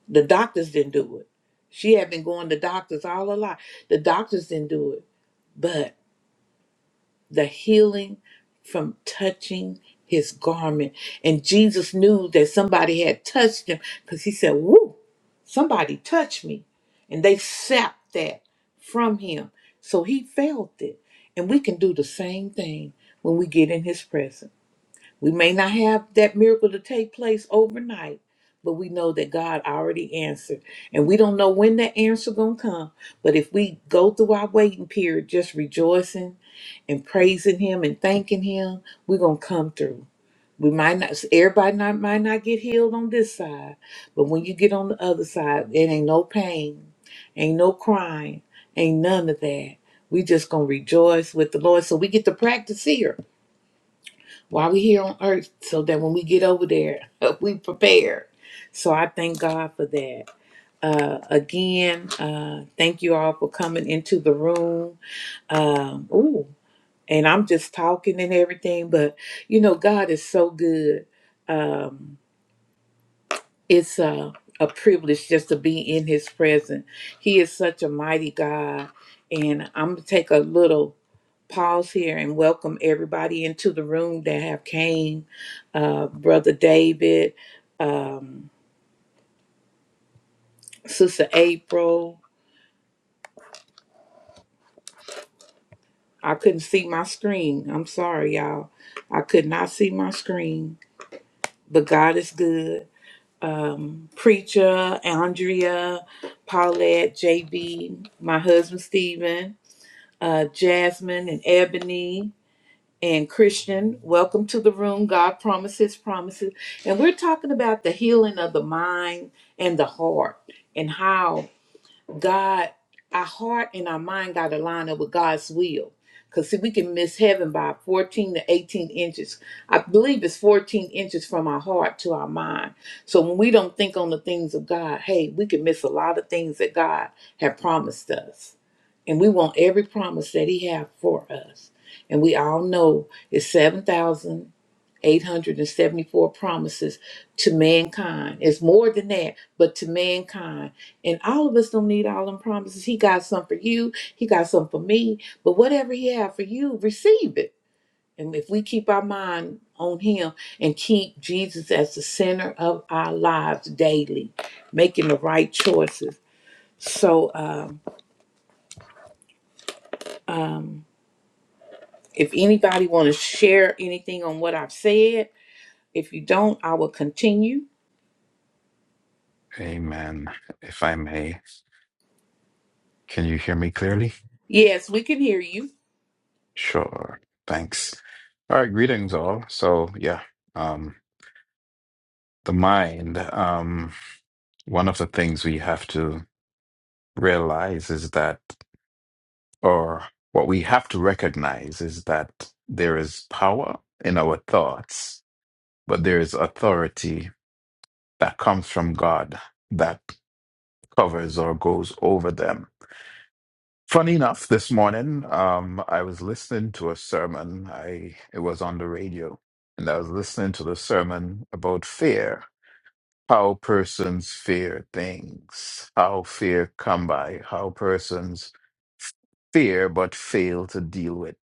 [SPEAKER 1] The doctors didn't do it. She had been going to doctors all her life. The doctors didn't do it. the healing from touching his garment. And Jesus knew that somebody had touched him because he said, Woo, somebody touched me. And they sapped that from him. So he felt it. And we can do the same thing when we get in his presence. We may not have that miracle to take place overnight, but we know that God already answered. And we don't know when that answer gonna come. But if we go through our waiting period just rejoicing and praising him and thanking him, we're gonna come through. We might not everybody not might not get healed on this side, but when you get on the other side, it ain't no pain, ain't no crying, ain't none of that. We just gonna rejoice with the Lord. So we get to practice here while we here on earth, so that when we get over there, [laughs] we prepare. So I thank God for that. Uh, again, uh, thank you all for coming into the room. Um, ooh, and I'm just talking and everything, but you know, God is so good. Um, it's a, a privilege just to be in His presence. He is such a mighty God, and I'm gonna take a little pause here and welcome everybody into the room that have came, uh, Brother David, um, Sister April. I couldn't see my screen. I'm sorry, y'all. I could not see my screen, but God is good. um, Preacher, Andrea, Paulette, JB, my husband Stephen, uh, Jasmine, and Ebony, and Christian. Welcome to the room. God promises, promises. And we're talking about the healing of the mind and the heart and how God, our heart and our mind got to line up with God's will. Because, see, we can miss heaven by 14 to 18 inches. I believe it's 14 inches from our heart to our mind. So, when we don't think on the things of God, hey, we can miss a lot of things that God had promised us. And we want every promise that He has for us. And we all know it's 7,000. 874 promises to mankind. It's more than that, but to mankind. And all of us don't need all them promises. He got some for you, he got some for me. But whatever he have for you, receive it. And if we keep our mind on him and keep Jesus as the center of our lives daily, making the right choices. So um, um, if anybody want to share anything on what I've said, if you don't, I will continue.
[SPEAKER 2] [laughs] Amen. If I may, can you hear me clearly?
[SPEAKER 1] Yes, we can hear you.
[SPEAKER 2] Sure. Thanks. All right, greetings all. So, yeah. Um. the mind, um, one of the things we have to realize is that, or what we have to recognize is that there is power in our thoughts, but there is authority that comes from God that covers or goes over them. Funny enough, this morning um, I was listening to a sermon. I it was on the radio, and I was listening to the sermon about fear, how persons fear things, how fear come by, how persons fear but fail to deal with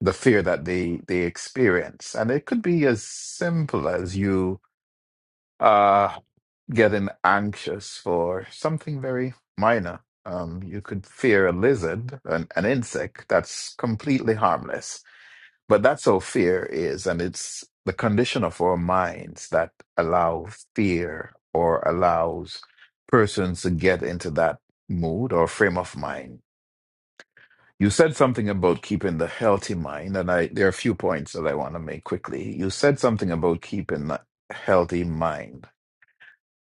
[SPEAKER 2] the fear that they they experience, and it could be as simple as you uh getting anxious for something very minor. Um, you could fear a lizard, an, an insect that's completely harmless, but that's how fear is, and it's the condition of our minds that allow fear or allows persons to get into that mood or frame of mind. You said something about keeping the healthy mind, and I there are a few points that I want to make quickly. You said something about keeping a healthy mind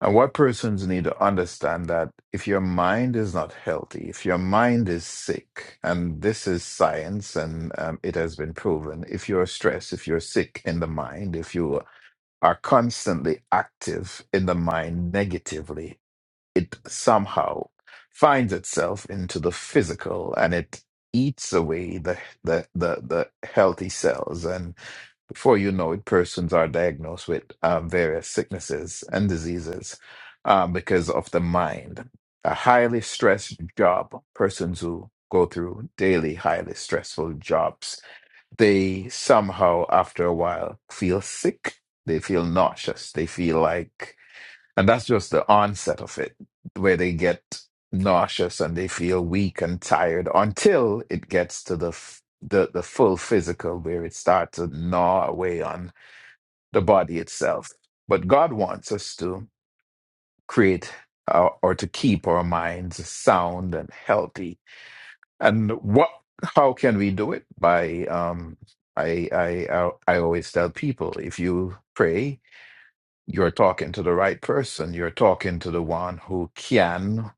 [SPEAKER 2] and what persons need to understand that if your mind is not healthy, if your mind is sick, and this is science and um, it has been proven, if you're stressed, if you're sick in the mind, if you are constantly active in the mind negatively, it somehow finds itself into the physical and it eats away the the the, the healthy cells and before you know it persons are diagnosed with um, various sicknesses and diseases um, because of the mind a highly stressed job persons who go through daily highly stressful jobs they somehow after a while feel sick they feel nauseous they feel like and that's just the onset of it, where they get nauseous and they feel weak and tired until it gets to the f- the, the full physical, where it starts to gnaw away on the body itself. But God wants us to create uh, or to keep our minds sound and healthy. And what? How can we do it? By um, I I I I always tell people if you pray. You're talking to the right person. You're talking to the one who can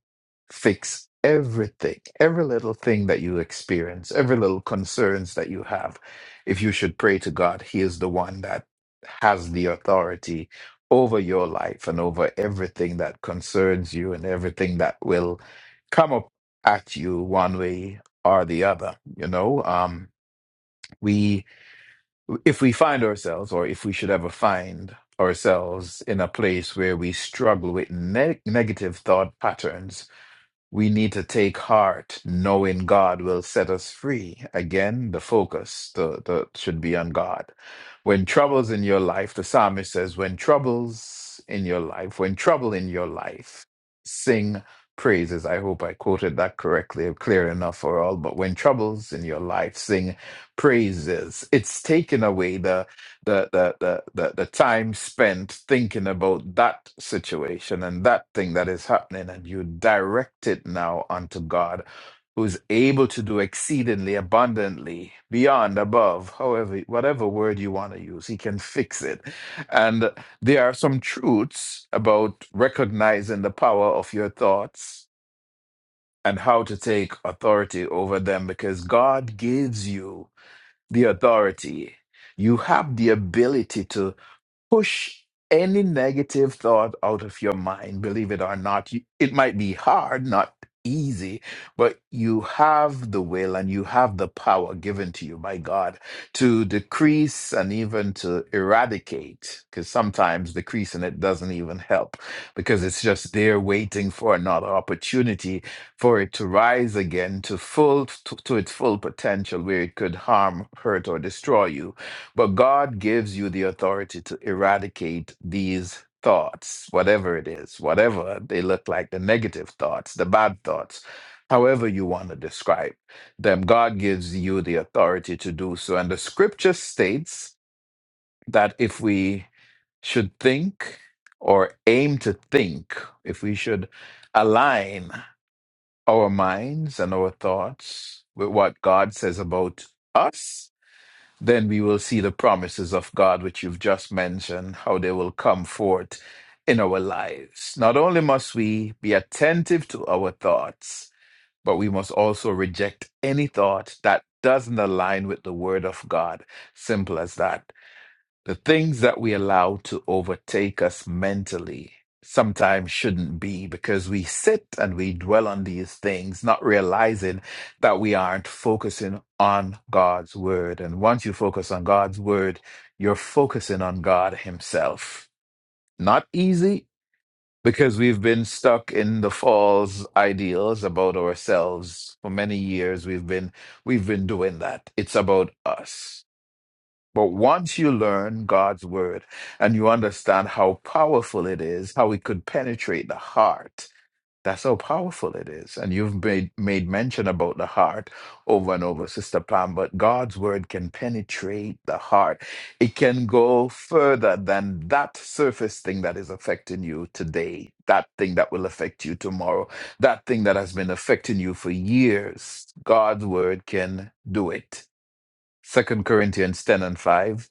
[SPEAKER 2] fix everything, every little thing that you experience, every little concerns that you have. If you should pray to God, He is the one that has the authority over your life and over everything that concerns you and everything that will come up at you one way or the other. You know, um, we if we find ourselves, or if we should ever find ourselves in a place where we struggle with ne- negative thought patterns we need to take heart, knowing God will set us free. Again, the focus the, the, should be on God. When troubles in your life, the psalmist says, when troubles in your life, when trouble in your life, sing praises. I hope I quoted that correctly, clear enough for all. But when troubles in your life, sing praises. It's taken away the the the the the, the time spent thinking about that situation and that thing that is happening and you direct it now unto God who's able to do exceedingly abundantly beyond above however whatever word you want to use he can fix it and there are some truths about recognizing the power of your thoughts and how to take authority over them because God gives you the authority you have the ability to push any negative thought out of your mind believe it or not you, it might be hard not easy but you have the will and you have the power given to you by god to decrease and even to eradicate because sometimes decreasing it doesn't even help because it's just there waiting for another opportunity for it to rise again to full to, to its full potential where it could harm hurt or destroy you but God gives you the authority to eradicate these thoughts, whatever it is, whatever they look like, the negative thoughts, the bad thoughts, however you want to describe them. God gives you the authority to do so. And the scripture states that if we should think or aim to think, if we should align our minds and our thoughts with what God says about us, then we will see the promises of God, which you've just mentioned, how they will come forth in our lives. Not only must we be attentive to our thoughts, but we must also reject any thought that doesn't align with the Word of God. Simple as that. The things that we allow to overtake us mentally sometimes shouldn't be because we sit and we dwell on these things, not realizing that we aren't focusing on God's word. And once you focus on God's word, you're focusing on God Himself. Not easy because we've been stuck in the false ideals about ourselves for many years. We've been we've been doing that. It's about us. But once you learn God's word and you understand how powerful it is, how it could penetrate the heart, that's how powerful it is. And you've made, made mention about the heart over and over, Sister Pam, but God's word can penetrate the heart. It can go further than that surface thing that is affecting you today, that thing that will affect you tomorrow, that thing that has been affecting you for years. God's word can do it. Second Corinthians 10 and 5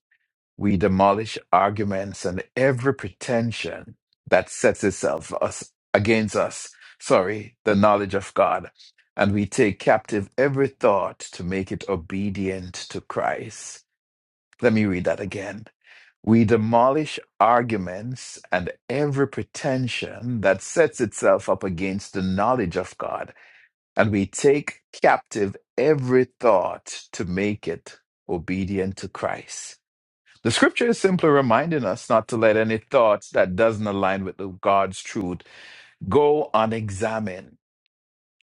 [SPEAKER 2] we demolish arguments and every pretension that sets itself us against us, sorry, the knowledge of God. And we take captive every thought to make it obedient to Christ. Let me read that again. We demolish arguments and every pretension that sets itself up against the knowledge of God, and we take captive every thought to make it obedient to Christ. The scripture is simply reminding us not to let any thoughts that doesn't align with the God's truth go unexamined.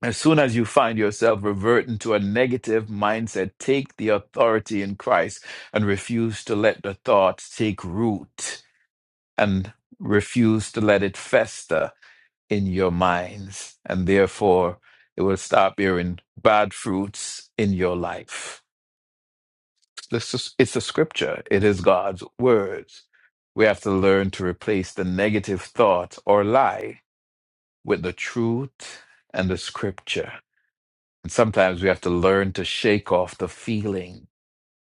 [SPEAKER 2] As soon as you find yourself reverting to a negative mindset, take the authority in Christ and refuse to let the thoughts take root and refuse to let it fester in your minds. And therefore, it will stop bearing bad fruits in your life. This is, it's the scripture, it is God's words. We have to learn to replace the negative thought or lie with the truth and the scripture. And sometimes we have to learn to shake off the feeling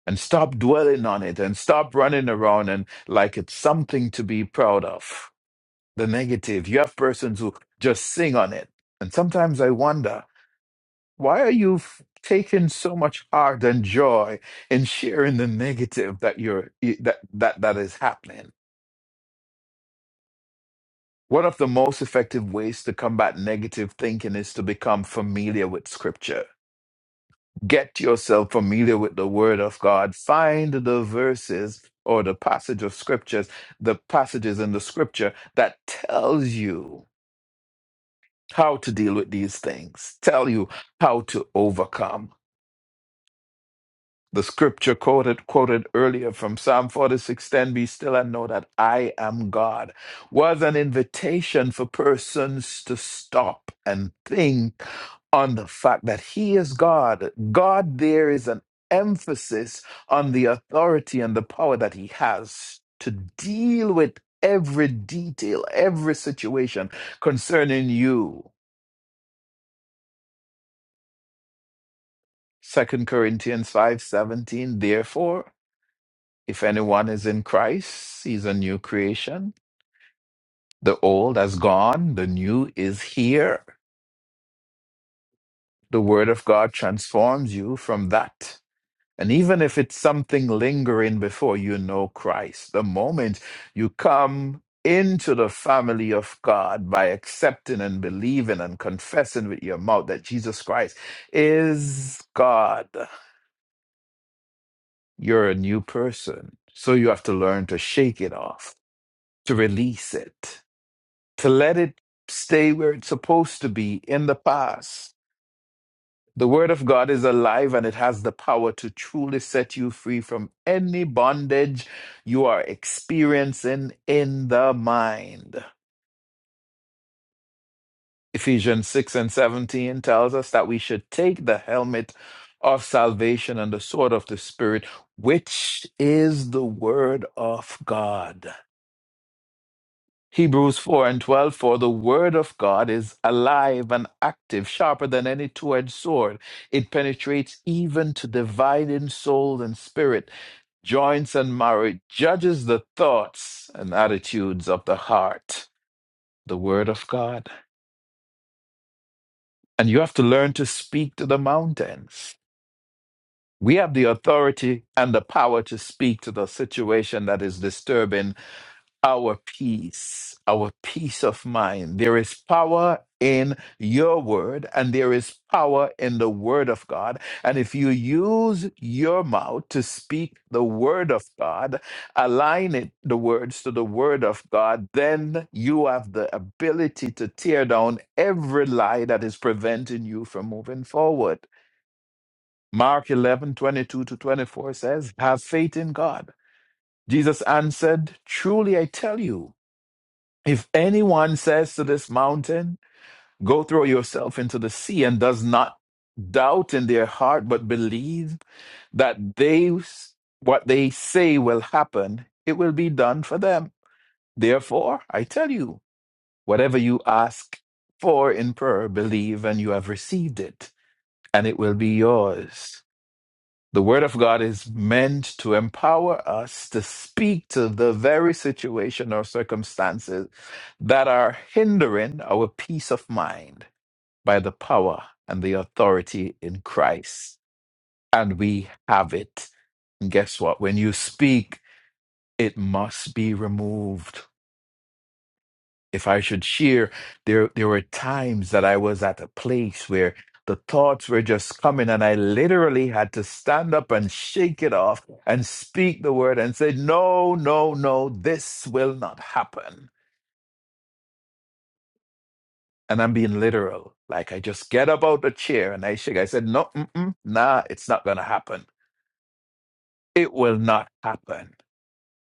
[SPEAKER 2] and stop dwelling on it and stop running around and like it's something to be proud of. The negative, you have persons who just sing on it. And sometimes I wonder why are you f- taking so much heart and joy in sharing the negative that you're i- that that that is happening? One of the most effective ways to combat negative thinking is to become familiar with scripture. Get yourself familiar with the word of God. Find the verses or the passage of scriptures, the passages in the scripture that tells you how to deal with these things, tell you how to overcome. The scripture quoted quoted earlier from Psalm 46 10, be still and know that I am God, was an invitation for persons to stop and think on the fact that He is God. God, there is an emphasis on the authority and the power that He has to deal with every detail, every situation concerning you. Second Corinthians 5 17. therefore. If anyone is in Christ, he's a new creation. The old has gone, the new is here. The Word of God transforms you from that. And even if it's something lingering before you know Christ, the moment you come into the family of God by accepting and believing and confessing with your mouth that Jesus Christ is God, you're a new person. So you have to learn to shake it off, to release it to let it stay where it's supposed to be in the past. The Word of God is alive and it has the power to truly set you free from any bondage you are experiencing in the mind. Ephesians 6 and 17 tells us that we should take the helmet of salvation and the sword of the Spirit, which is the Word of God. Hebrews 4 and 12, for the word of God is alive and active, sharper than any two edged sword. It penetrates even to dividing soul and spirit, joints and marrow, judges the thoughts and attitudes of the heart, the word of God. And you have to learn to speak to the mountains. We have the authority and the power to speak to the situation that is disturbing our peace, our peace of mind. There is power in your word, and there is power in the word of God. And if you use your mouth to speak the word of God, align it, the words to the word of God, then you have the ability to tear down every lie that is preventing you from moving forward. Mark 11 22 to 24 says, Have faith in God. Jesus answered, Truly I tell you. If anyone says to this mountain, Go throw yourself into the sea, and does not doubt in their heart, but believe that they what they say will happen, it will be done for them. Therefore, I tell you, whatever you ask for in prayer, believe and you have received it, and it will be yours. The Word of God is meant to empower us to speak to the very situation or circumstances that are hindering our peace of mind by the power and the authority in Christ. And we have it. And guess what? When you speak, it must be removed if I should share, there there were times that I was at a place where the thoughts were just coming, and I literally had to stand up and shake it off and speak the word and say, No, no, no, this will not happen. And I'm being literal. Like I just get up out the chair and I shake. I said, No, mm-mm, nah, it's not going to happen. It will not happen.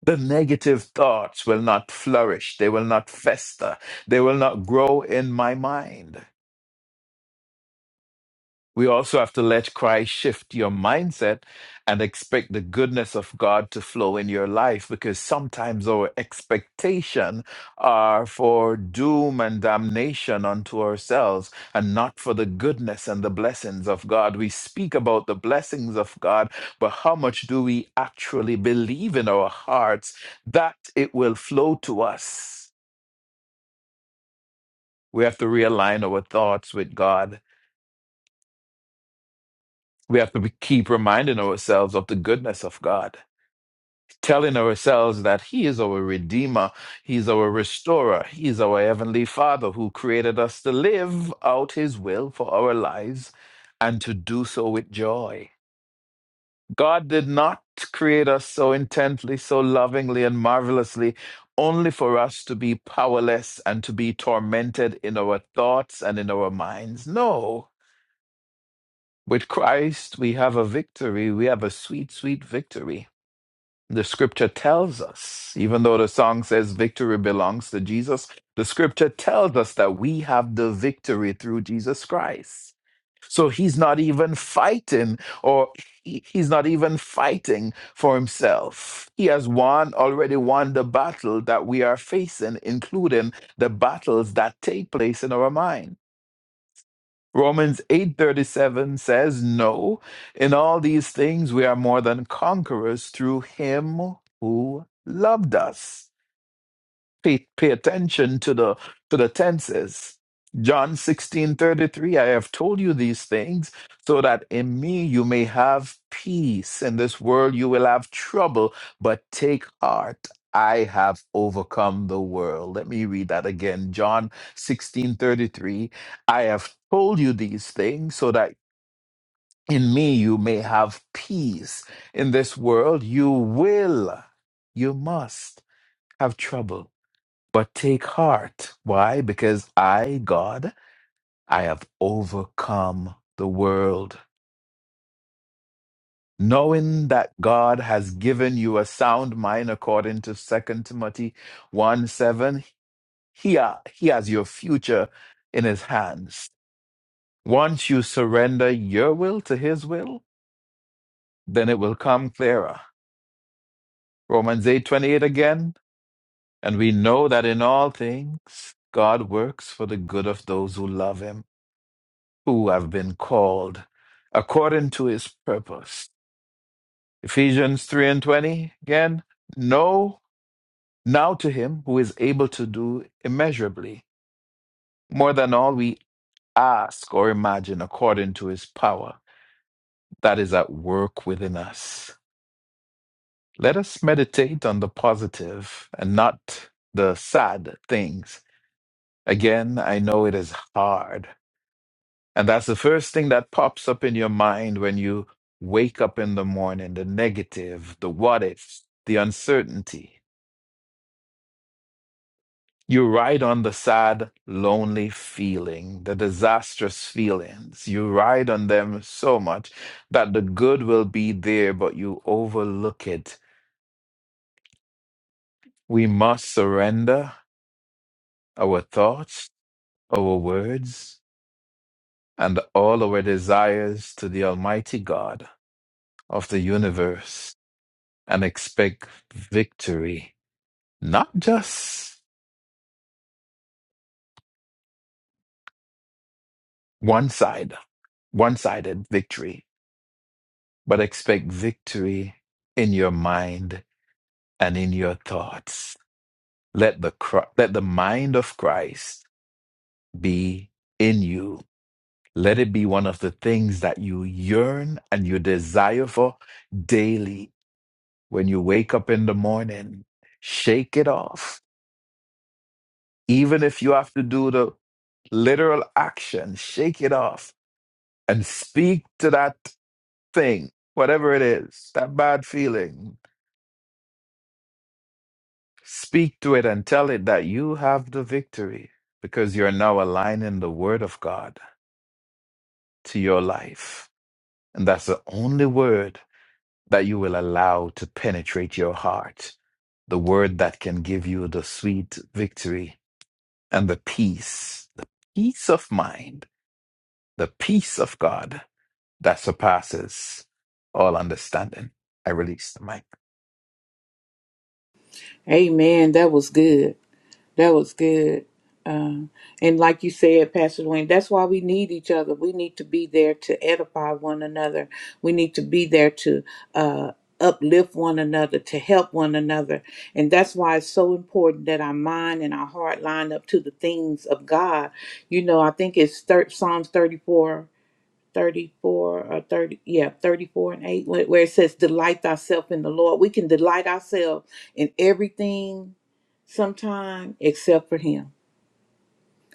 [SPEAKER 2] The negative thoughts will not flourish. They will not fester. They will not grow in my mind We also have to let Christ shift your mindset and expect the goodness of God to flow in your life because sometimes our expectation are for doom and damnation unto ourselves and not for the goodness and the blessings of God. We speak about the blessings of God, but how much do we actually believe in our hearts that it will flow to us? We have to realign our thoughts with God. We have to be- keep reminding ourselves of the goodness of God telling ourselves that He is our Redeemer, He's our Restorer, He's our Heavenly Father who created us to live out His will for our lives and to do so with joy. God did not create us so intently, so lovingly, and marvelously. Only for us to be powerless and to be tormented in our thoughts and in our minds. No. With Christ, we have a victory. We have a sweet, sweet victory the scripture tells us, even though the song says victory belongs to Jesus, the scripture tells us that we have the victory through Jesus Christ. So he's not even fighting, or he- he's not even fighting for himself. He has won, already won the battle that we are facing, including the battles that take place in our mind. Romans 8:37 says, "No, in all these things we are more than conquerors through him who loved us." Pay, pay attention to the to the tenses. John 16 33. I have told you these things so that in me you may have peace. In this world you will have trouble, but take heart. I have overcome the world. Let me read that again. John 16 33. I have told you these things so that in me you may have peace. In this world you will, you must have trouble but take heart. Why? Because I, God, I have overcome the world. Knowing that God has given you a sound mind according to Second Timothy 1 7, he, ha- he has your future in his hands. Once you surrender your will to his will, then it will come clearer. Romans eight twenty eight again. And we know that in all things, God works for the good of those who love him who have been called according to his purpose. Ephesians 3 and 20 again. No, now to him who is able to do immeasurably more than all we ask or imagine according to his power that is at work within us. Let us meditate on the positive and not the sad things. Again, I know it is hard And that's the first thing that pops up in your mind when you wake up in the morning the negative, the what ifs, the uncertainty. You ride on the sad, lonely feeling, the disastrous feelings. You ride on them so much that the good will be there, but you overlook it. We must surrender our thoughts, our words, and all our desires to the Almighty God of the universe and expect victory, not just one side, one sided victory, but expect victory in your mind and in your thoughts. Let the, Chri- let the mind of Christ be in you. Let it be one of the things that you yearn and you desire for daily when you wake up in the morning. Shake it off. Even if you have to do the literal action, shake it off and speak to that thing, whatever it is, that bad feeling. Speak to it and tell it that you have the victory because you're now aligning the word of God to your life. And that's the only word that you will allow to penetrate your heart. The word that can give you the sweet victory and the peace, the peace of mind, the peace of God that surpasses all understanding. I release the mic.
[SPEAKER 1] Amen. That was good. That was good. Um, and like you said, Pastor Dwayne, that's why we need each other. We need to be there to edify one another. We need to be there to uh, uplift one another, to help one another. And that's why it's so important that our mind and our heart line up to the things of God. You know, I think it's thir- Psalms 34. 34 or 30 yeah 34 and 8 where where it says delight thyself in the lord we can delight ourselves in everything sometime except for him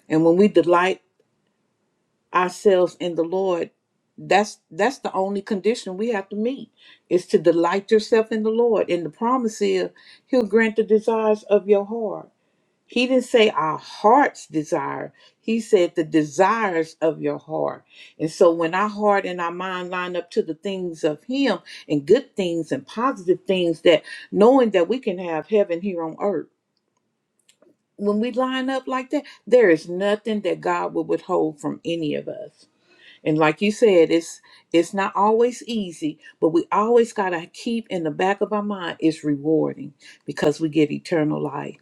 [SPEAKER 1] and when we delight ourselves in the lord that's that's the only condition we have to meet is to delight yourself in the lord and the promise is he'll grant the desires of your heart he didn't say our heart's desire. He said the desires of your heart. And so when our heart and our mind line up to the things of Him and good things and positive things, that knowing that we can have heaven here on earth, when we line up like that, there is nothing that God will withhold from any of us. And like you said, it's it's not always easy, but we always gotta keep in the back of our mind it's rewarding because we get eternal life.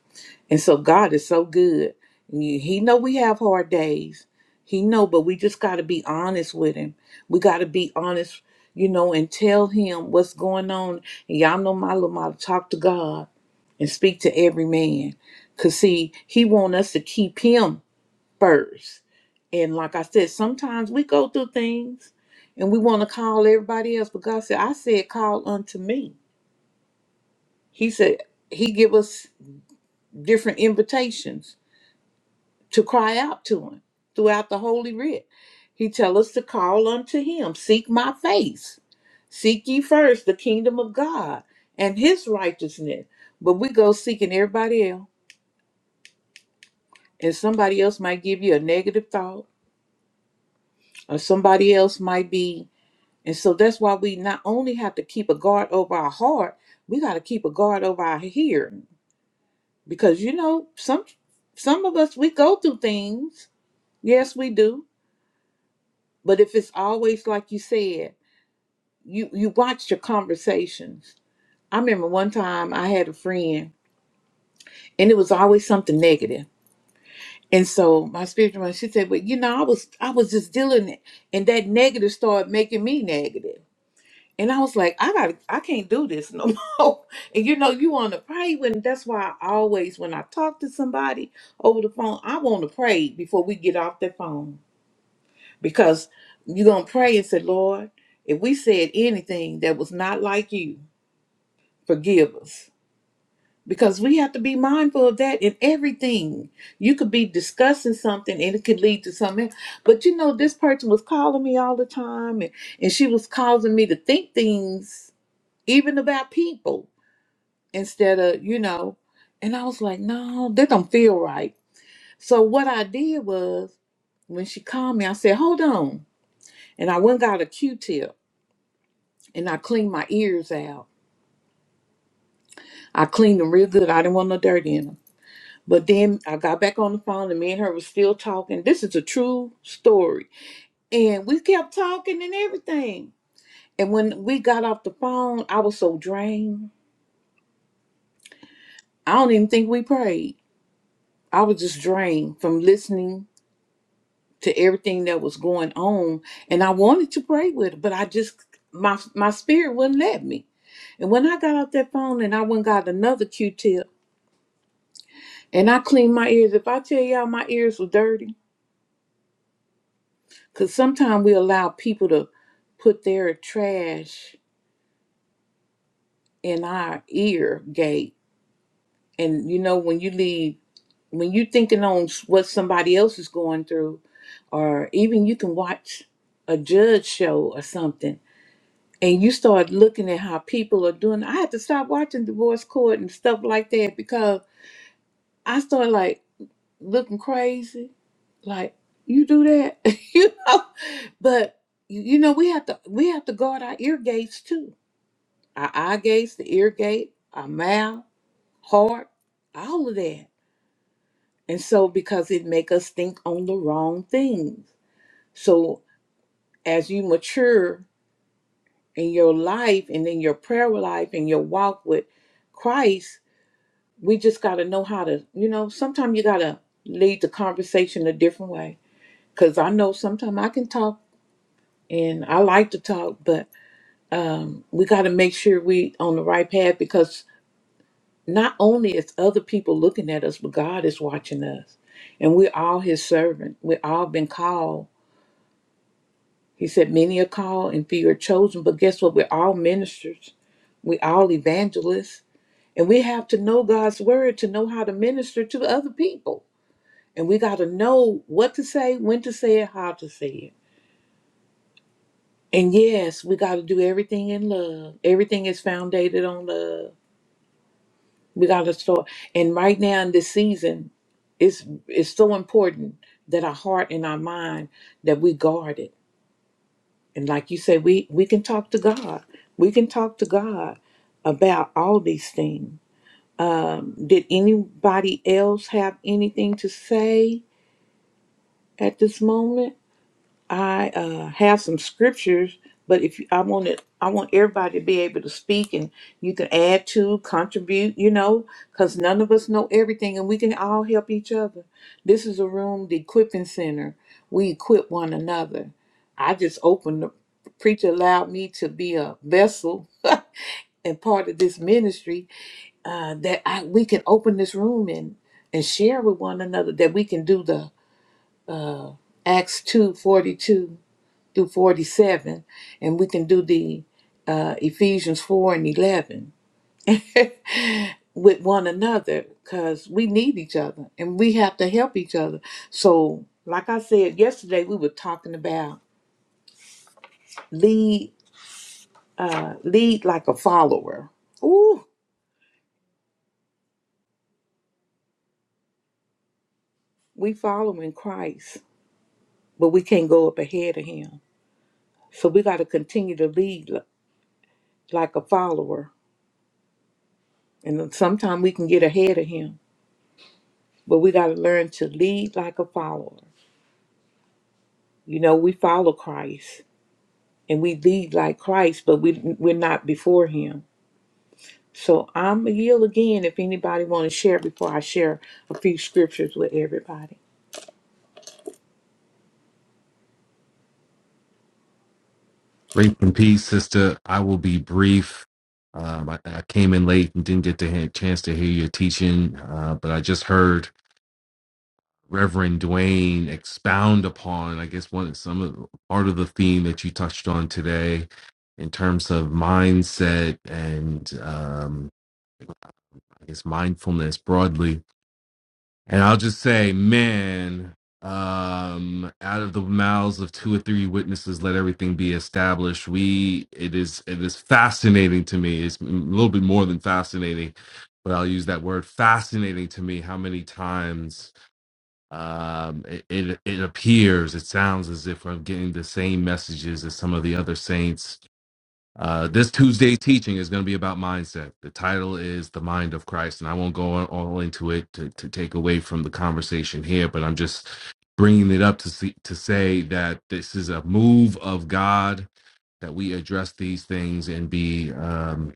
[SPEAKER 1] And so God is so good. He he know we have hard days. He know, but we just got to be honest with him. We got to be honest, you know, and tell him what's going on. And y'all know my little motto, talk to God and speak to every man. Because, see, he want us to keep him first. And like I said, sometimes we go through things and we want to call everybody else. But God said, I said, call unto me. He said, he give us different invitations to cry out to him throughout the holy writ. He tell us to call unto him, seek my face. Seek ye first the kingdom of God and his righteousness. But we go seeking everybody else. And somebody else might give you a negative thought, or somebody else might be. And so that's why we not only have to keep a guard over our heart, we got to keep a guard over our hearing. Because you know, some some of us we go through things. Yes, we do. But if it's always like you said, you you watch your conversations. I remember one time I had a friend and it was always something negative. And so my spiritual mother, she said, Well, you know, I was I was just dealing it and that negative started making me negative. And I was like, I gotta I can't do this no [laughs] more. And you know, you wanna pray when that's why I always when I talk to somebody over the phone, I wanna pray before we get off the phone. Because you're gonna pray and say, Lord, if we said anything that was not like you, forgive us because we have to be mindful of that in everything. You could be discussing something and it could lead to something. else. But you know, this person was calling me all the time and, and she was causing me to think things even about people instead of, you know, and I was like, no, that don't feel right. So what I did was when she called me, I said, hold on. And I went and got a Q tip and I cleaned my ears out. I cleaned them real good. I didn't want no dirt in them But then I got back on the phone and me and her was still talking. This is a true story. And we kept talking and everything. And when we got off the phone, I was so drained. I don't even think we prayed. I was just drained from listening to everything that was going on. And I wanted to pray with her, but I just my my spirit wouldn't let me. And when I got off that phone and I went and got another Q tip and I cleaned my ears. If I tell y'all my ears were dirty, Because sometimes we allow people to put their trash in our ear gate. And you know, when you leave, when you thinking on s- what somebody else is going through, or even you can watch a judge show or something, and you start looking at how people are doing. I had to stop watching divorce court and stuff like that because I started like looking crazy. Like, you do that? [laughs] you know? But you you know, we have to we have to guard our ear gates too our eye gates, the ear gate, our mouth, heart, all of that. And so because it make us think on the wrong things. So as you mature in your life and in your prayer life and your walk with Christ, we just gotta know how to, you know, sometimes you gotta lead the conversation a different way. Cause I know sometimes I can talk and I like to talk, but um, we gotta make sure we on the right path because. not only is other people looking at us, but God is watching us. And we're all his servant. We're all been called. He said, Many are called and few are chosen. But guess what? We're all ministers. We all evangelists. And we have to know God's word to know how to minister to other people. And we got to know what to say, when to say it, how to say it. And yes, we got to do everything in love. Everything is founded on love. We gotta start. And right now in this season, it's it's so important that our heart and our mind that we guard it. And like you say, we we can talk to God. We can talk to God about all these things. Um, did anybody else have anything to say at this moment? I uh, have some scriptures, but if you, I want it, I want everybody to be able to speak, and you can add to, contribute, you know, because none of us know everything, and we can all help each other. This is a room, the equipping center. We equip one another. I just opened the preacher allowed me to be a vessel [laughs] and part of this ministry uh, that I, we can open this room and and share with one another that we can do the Acts two forty two through 47, and we can do the uh, Ephesians 4 and 11 [laughs] with one another because we need each other and we have to help each other. So, like I said yesterday, we were talking about lead, uh, lead like a follower. Ooh, we following Christ, but we can't go up ahead of Him. So we got to continue to lead li- like a follower, and sometimes we can get ahead of Him, but we got to learn to lead like a follower. You know, we follow Christ and we lead like Christ, but we we're not before Him. So I'm a yield again. If anybody want to share before I share a few scriptures with everybody.
[SPEAKER 4] Grace and peace, sister. I will be brief. Um, I, I came in late and didn't get the ha- chance to hear your teaching, uh, but I just heard Reverend Dwayne expound upon, I guess, one some of part of the theme that you touched on today, in terms of mindset and um, I guess mindfulness broadly. And I'll just say, man, um, out of the mouths of two or three witnesses, let everything be established. We, it is, it is fascinating to me. It's a little bit more than fascinating, but I'll use that word fascinating to me. How many times um, it, it it appears, it sounds as if I'm getting the same messages as some of the other saints uh, this Tuesday's teaching is going to be about mindset. The title is The Mind of Christ, and I won't go on, all into it to, to take away from the conversation here, but I'm just bringing it up to see, to say that this is a move of God that we address these things and be um,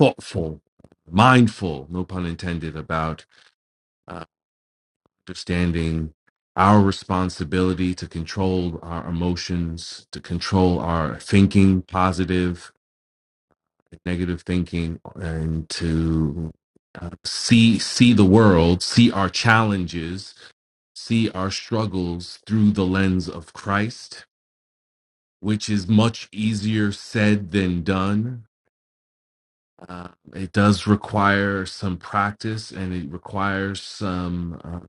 [SPEAKER 4] thoughtful, mindful, no pun intended, about uh, understanding our responsibility to control our emotions, to control our thinking, positive negative thinking and to uh, see see the world, see our challenges, see our struggles through the lens of Christ, which is much easier said than done. Uh, it does require some practice, and it requires some uh,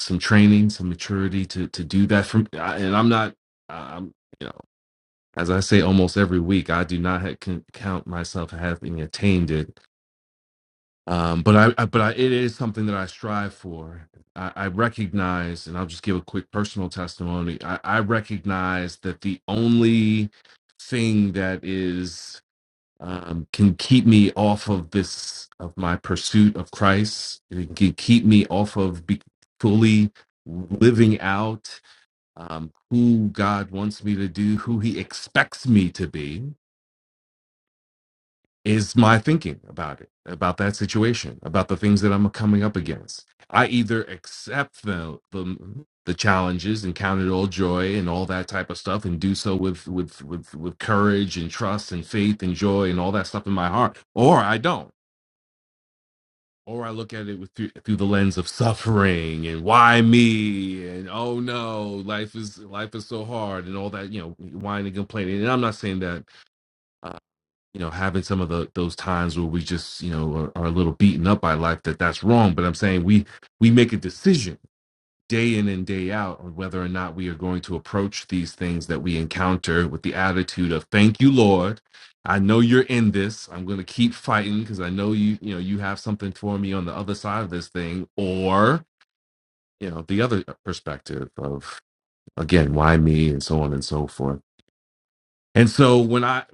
[SPEAKER 4] some training, some maturity to to do that. From I- and I'm not, um, you know, as I say almost every week, I do not ha- can count myself having attained it um, but I, I but I, it is something that I strive for. I, I recognize, and I'll just give a quick personal testimony. I, I recognize that the only thing that is um, can keep me off of this of my pursuit of Christ. It can keep me off of be fully living out um, who God wants me to do, who He expects me to be is my thinking about it, about that situation, about the things that I'm coming up against. I either accept the the, the challenges and count it all joy and all that type of stuff, and do so with with with with courage and trust and faith and joy and all that stuff in my heart, or I don't. Or I look at it with through, through the lens of suffering and why me and oh no life is life is so hard and all that you know whining and complaining and I'm not saying that uh, you know having some of the those times where we just you know are, are a little beaten up by life that that's wrong but i'm saying we we make a decision day in and day out on whether or not we are going to approach these things that we encounter with the attitude of thank you lord i know you're in this i'm going to keep fighting because i know you you know you have something for me on the other side of this thing or you know the other perspective of again why me and so on and so forth and so when I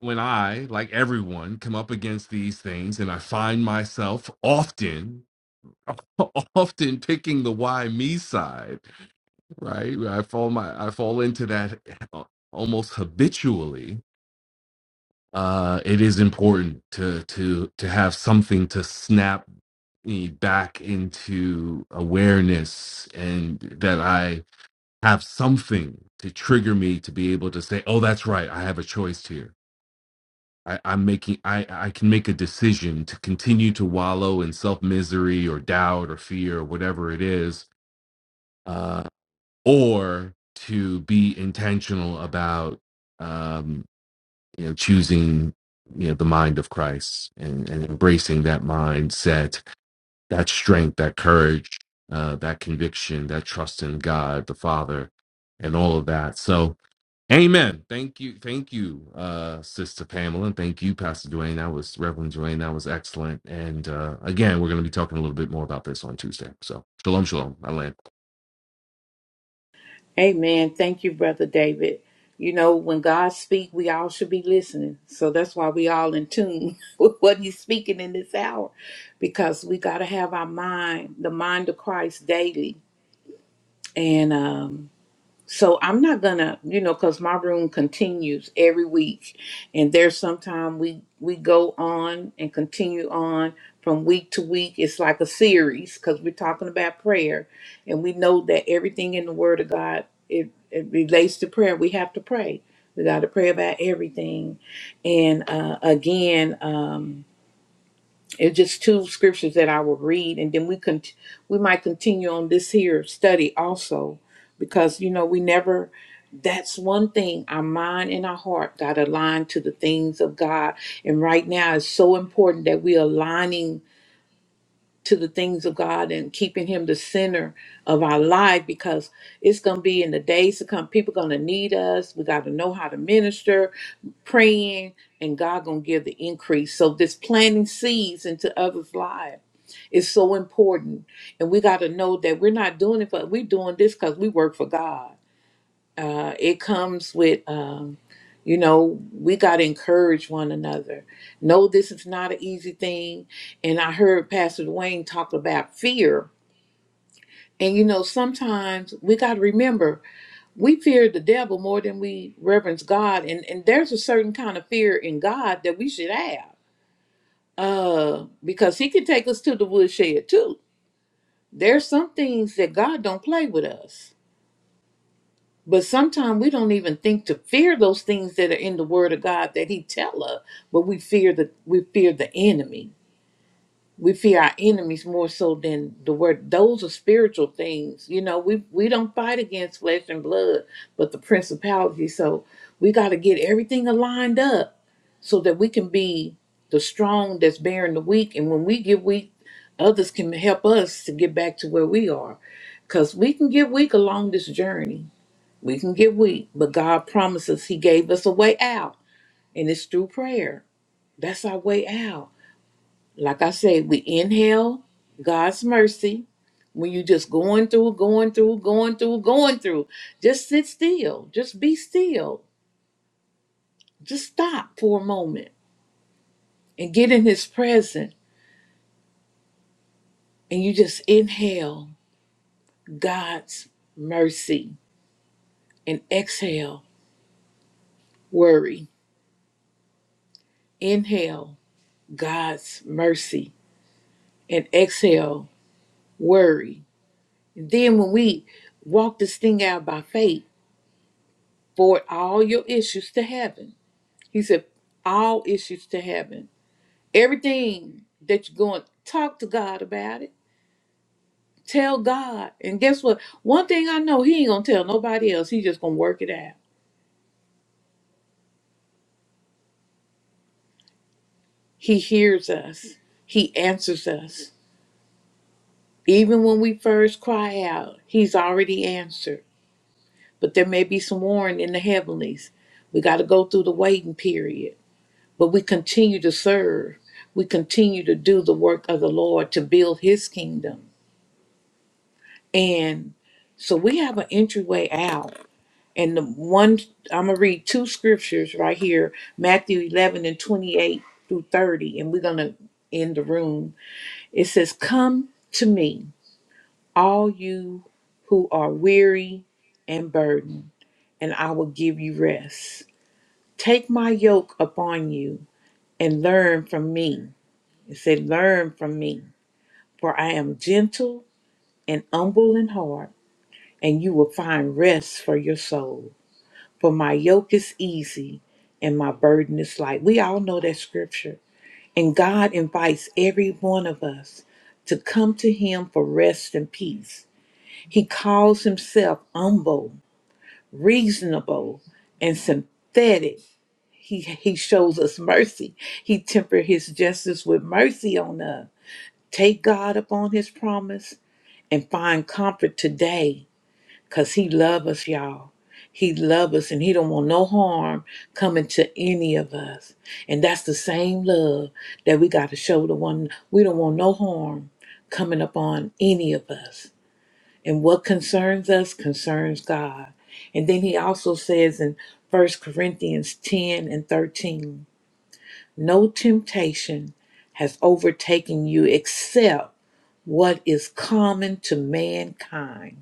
[SPEAKER 4] when I like everyone come up against these things and I find myself often [laughs] often picking the why me side, right? I fall my I fall into that uh, almost habitually. Uh it is important to to to have something to snap me back into awareness and that I have something to trigger me to be able to say, "Oh, that's right. I have a choice here." I, I'm making I, I can make a decision to continue to wallow in self misery or doubt or fear or whatever it is, uh, or to be intentional about um, you know choosing you know the mind of Christ and, and embracing that mindset, that strength, that courage, uh, that conviction, that trust in God the Father, and all of that. So Amen. Thank you. Thank you, uh, Sister Pamela. And thank you, Pastor Dwayne. That was Reverend Dwayne. That was excellent. And uh, again, we're going to be talking a little bit more about this on Tuesday. So, shalom, shalom. I land.
[SPEAKER 1] Amen. Thank you, brother David. You know, when God speak, we all should be listening. So that's why we all in tune [laughs] with what He's speaking in this hour, because we got to have our mind, the mind of Christ, daily. And um, so i'm not gonna you know because my room continues every week and there's sometime we we go on and continue on from week to week it's like a series because we're talking about prayer and we know that everything in the word of god it, it relates to prayer we have to pray we got to pray about everything and uh, again um, it's just two scriptures that I will read, and then we can we might continue on this here study also, because you know we never. That's one thing our mind and our heart got aligned to the things of God, and right now it's so important that we are aligning to the things of God and keeping Him the center of our life because it's going to be in the days to come. People going to need us. We got to know how to minister, praying, and God going to give the increase. So this planting seeds into others' lives is so important, and we got to know that we're not doing it for we're doing this because we work for God uh, it comes with um, you know we got to encourage one another no this is not an easy thing and i heard pastor dwayne talk about fear and you know sometimes we got to remember we fear the devil more than we reverence god and, and there's a certain kind of fear in god that we should have uh because he can take us to the woodshed too there's some things that god don't play with us But sometimes we don't even think to fear those things that are in the Word of God that He tell us. But we fear the we fear the enemy. We fear our enemies more so than the word. Those are spiritual things. You know, we we don't fight against flesh and blood, but the principality. So we got to get everything aligned up so that we can be the strong that's bearing the weak. And when we get weak, others can help us to get back to where we are. Because we can get weak along this journey we can get weak, but God promises He gave us a way out, and it's through prayer. That's our way out. Like I said, we inhale God's mercy. When you're just going through, going through, going through, going through, just sit still. Just be still. Just stop for a moment and get in His presence. And you just inhale God's mercy and exhale worry. Inhale God's mercy and exhale worry Then when we walk this thing out by faith, forward all your issues to heaven. He said, all issues to heaven. Everything that you're going, talk to God about it. Tell God. And guess what? One thing I know, he ain't gonna tell nobody else. He just gonna work it out. He hears us. He answers us. Even when we first cry out, he's already answered. But there may be some warning in the heavenlies. We got to go through the waiting period But we continue to serve. We continue to do the work of the Lord to build his kingdom. And so we have an entryway out. And the one, I'm going to read two scriptures right here Matthew 11 and 28 through 30. And we're going to end the room. It says, Come to me, all you who are weary and burdened, and I will give you rest. Take my yoke upon you and learn from me. It said, Learn from me For I am gentle and humble in heart, and you will find rest for your soul. For my yoke is easy and my burden is light. We all know that scripture. And God invites every one of us to come to Him for rest and peace. He calls Himself humble, reasonable, and sympathetic. He, he shows us mercy. He tempered his justice with mercy on us. Take God upon his promise and find comfort today because he love us y'all he love us and he don't want no harm coming to any of us and that's the same love that we got to show to one we don't want no harm coming upon any of us and what concerns us concerns god and then he also says in First corinthians 10 and 13 no temptation has overtaken you except what is common to mankind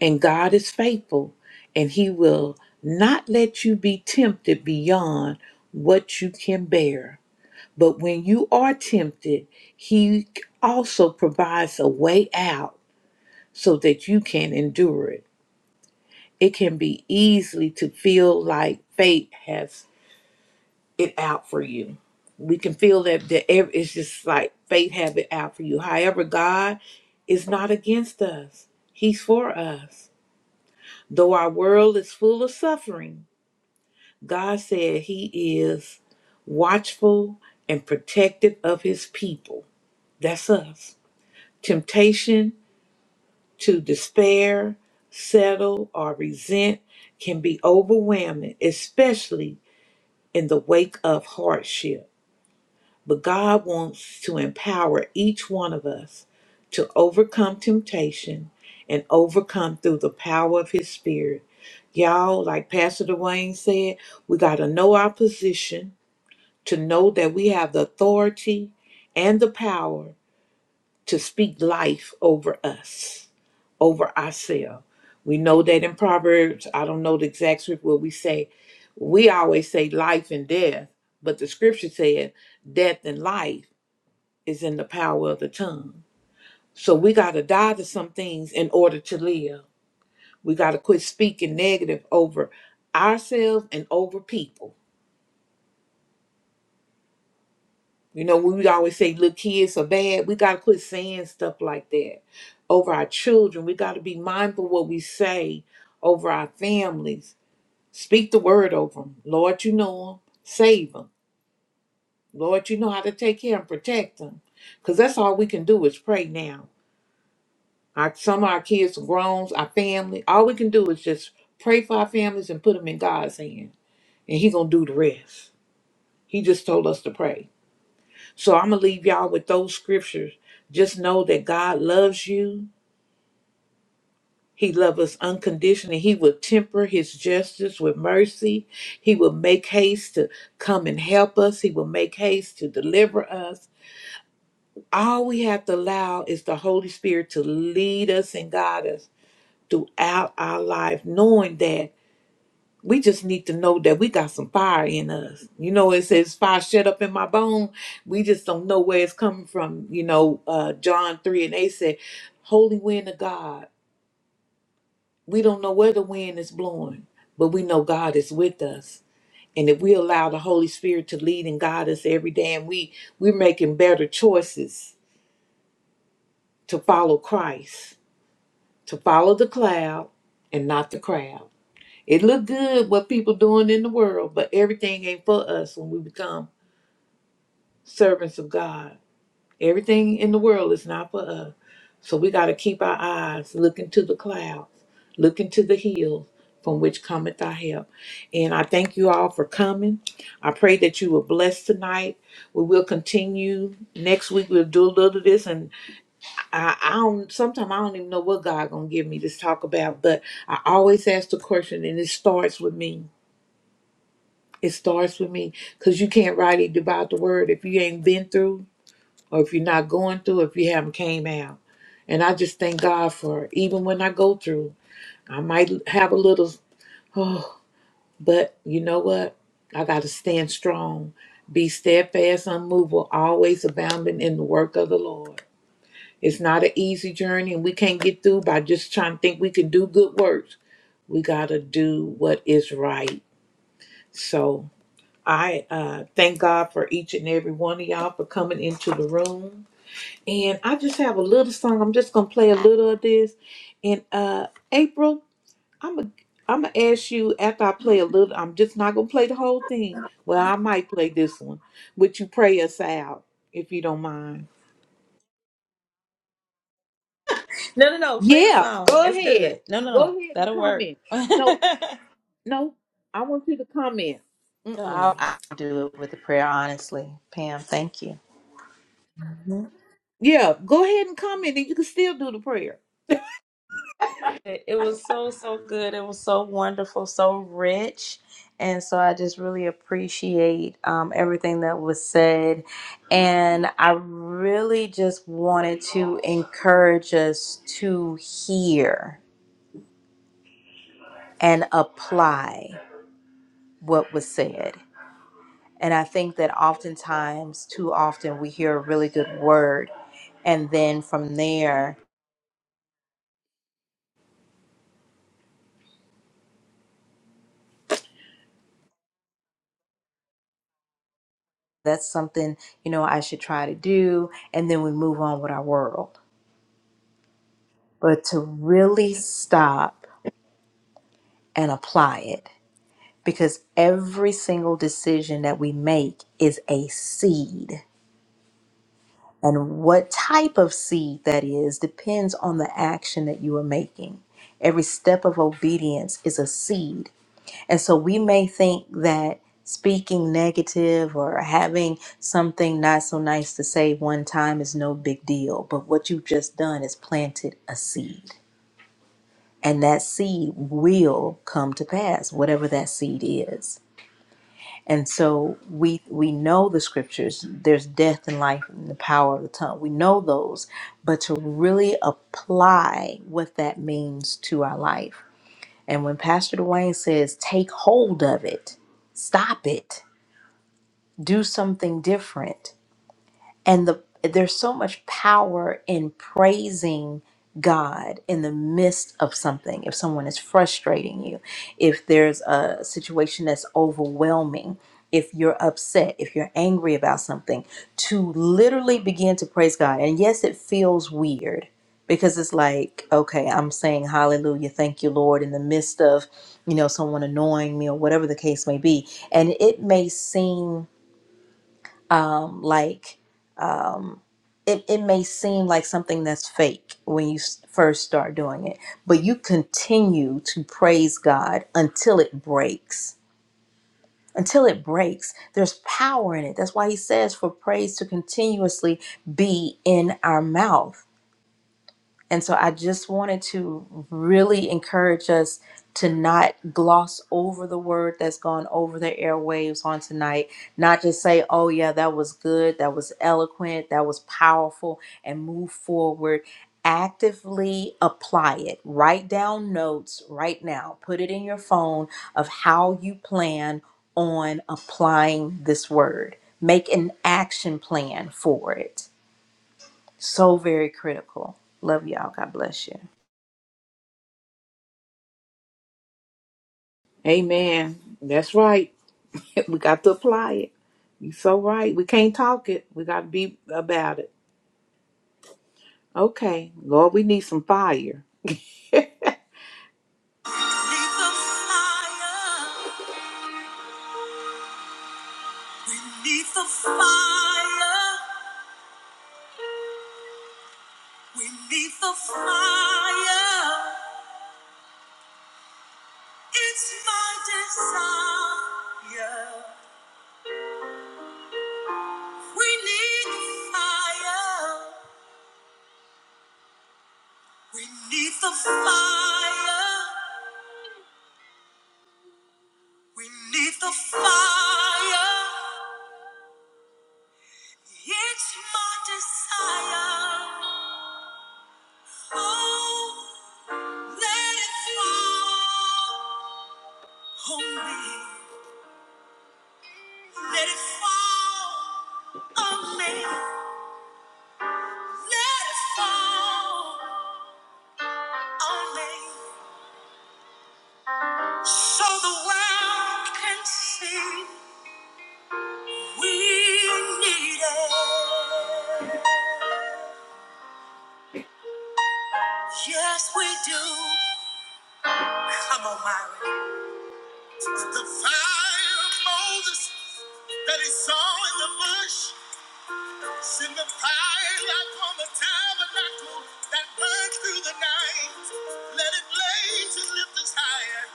[SPEAKER 1] And God is faithful, and He will not let you be tempted beyond what you can bear. But when you are tempted, He also provides a way out so that you can endure it. It can be easily to feel like fate has it out for you. We can feel that the, ev- it's just like fate have it out for you. However, God is not against us. He's for us. Though our world is full of suffering, God said He is watchful and protective of His people. That's us. Temptation to despair, settle, or resent can be overwhelming, especially in the wake of hardship. But God wants to empower each one of us to overcome temptation and overcome through the power of His Spirit. Y'all, like Pastor Dwayne said, we got to know our position, to know that we have the authority and the power to speak life over us, over ourselves. We know that in Proverbs, I don't know the exact script where we say, we always say life and death, but the scripture said death and life is in the power of the tongue. So we got to die to some things in order to live. We got to quit speaking negative over ourselves and over people. You know, we always say, little kids are bad. We got to quit saying stuff like that over our children. We got to be mindful what we say over our families. Speak the word over them. Lord, you know them. Save them. Lord, you know how to take care and protect them. Because that's all we can do is pray now Our, some of our kids are grown, our family. All we can do is just pray for our families and put them in God's hand. And He going to do the rest. He just told us to pray. So I'm going to leave y'all with those scriptures. Just know that God loves you. He loves us unconditionally. He will temper his justice with mercy. He will make haste to come and help us. He will make haste to deliver us. All we have to allow is the Holy Spirit to lead us and guide us throughout our life, knowing that we just need to know that we got some fire in us. You know, it says fire shut up in my bone. We just don't know where it's coming from. You know, uh, John 3 and 8 said, Holy wind of God. We don't know where the wind is blowing, but we know God is with us. And if we allow the Holy Spirit to lead and guide us every day, and we we're making better choices to follow Christ, to follow the cloud and not the crowd. It look good what people doing in the world, but everything ain't for us when we become servants of God. Everything in the world is not for us. So we got to keep our eyes looking to the clouds, looking to the hills from which cometh our help. And I thank you all for coming. I pray that you were blessed tonight. We will continue next week. We'll do a little of this, and I, I don't. Sometimes I don't even know what God gonna give me to talk about. But I always ask the question, and it starts with me. It starts with me, cause you can't write it about the word if you ain't been through or if you're not going through, if you haven't came out. And I just thank God for it. even when I go through, I might have a little, oh, but you know what? I got to stand strong, be steadfast, unmovable, always abounding in the work of the Lord. It's not an easy journey, and we can't get through by just trying to think we can do good works. We got to do what is right. So I uh, thank God for each and every one of y'all for coming into the room. and I just have a little song. I'm just gonna play a little of this. And uh April, I'm a I'm gonna ask you after I play a little. I'm just not gonna play the whole thing. Well, I might play this one. Would you pray us out if you don't mind?
[SPEAKER 5] No, no, no. Play the
[SPEAKER 1] Yeah,
[SPEAKER 5] song.
[SPEAKER 1] go
[SPEAKER 5] It's
[SPEAKER 1] ahead.
[SPEAKER 5] good. No, no, no.
[SPEAKER 1] Go ahead and
[SPEAKER 5] That'll work.
[SPEAKER 1] comment.
[SPEAKER 5] [laughs] no,
[SPEAKER 1] No, no, I want you to comment. Mm-mm.
[SPEAKER 5] I'll, I'll do it with the prayer, honestly. Pam, thank you. Mhm.
[SPEAKER 1] Yeah, go ahead and comment, and you can still do the prayer.
[SPEAKER 5] It, it was so, so good. It was so wonderful, so rich. And so I just really appreciate um, everything that was said. And I really just wanted to encourage us to hear and apply what was said. And I think that oftentimes, too often, we hear a really good word. And then from there, that's something, you know, I should try to do. And then we move on with our world. But to really stop and apply it, because every single decision that we make is a seed. And what type of seed that is depends on the action that you are making. Every step of obedience is a seed And so we may think that speaking negative or having something not so nice to say one time is no big deal, but what you've just done is planted a seed. And that seed will come to pass, whatever that seed is. And so we we know the scriptures. There's death and life in the power of the tongue. We know those, but to really apply what that means to our life. And when Pastor Dwayne says, take hold of it, stop it, do something different, and the there's so much power in praising God in the midst of something. If someone is frustrating you, if there's a situation that's overwhelming, if you're upset, if you're angry about something, to literally begin to praise God. And yes, it feels weird because it's like, okay, I'm saying hallelujah, thank you, Lord, in the midst of, you know, someone annoying me or whatever the case may be. And it may seem um, like it, it may seem like something that's fake when you s- first start doing it, but you continue to praise God until it breaks. Until it breaks, there's power in it. That's why he says for praise to continuously be in our mouth and so I just wanted to really encourage us to not gloss over the word that's gone over the airwaves on tonight, not just say, oh, yeah, that was good, that was eloquent, that was powerful, and move forward. Actively apply it. Write down notes right now. Put it in your phone of how you plan on applying this word. Make an action plan for it. So very critical. Love y'all. God bless you.
[SPEAKER 1] Amen. That's right. [laughs] We got to apply it. You so right. We can't talk it. We got to be about it. Okay, Lord, we need some fire. We need the fire. We need the fire. We need the fire. It's my desire. We need the fire. We need the fire. We need the fire. It's my desire. Oh, let it fall on me. Let it fall on me. Let it fall on me. So the world can see we need it. Yes, we do. Come on, Myra. The fire of Moses that he saw in the bush, send the fire like on the tabernacle that burned through the night. Let it blaze and lift us higher.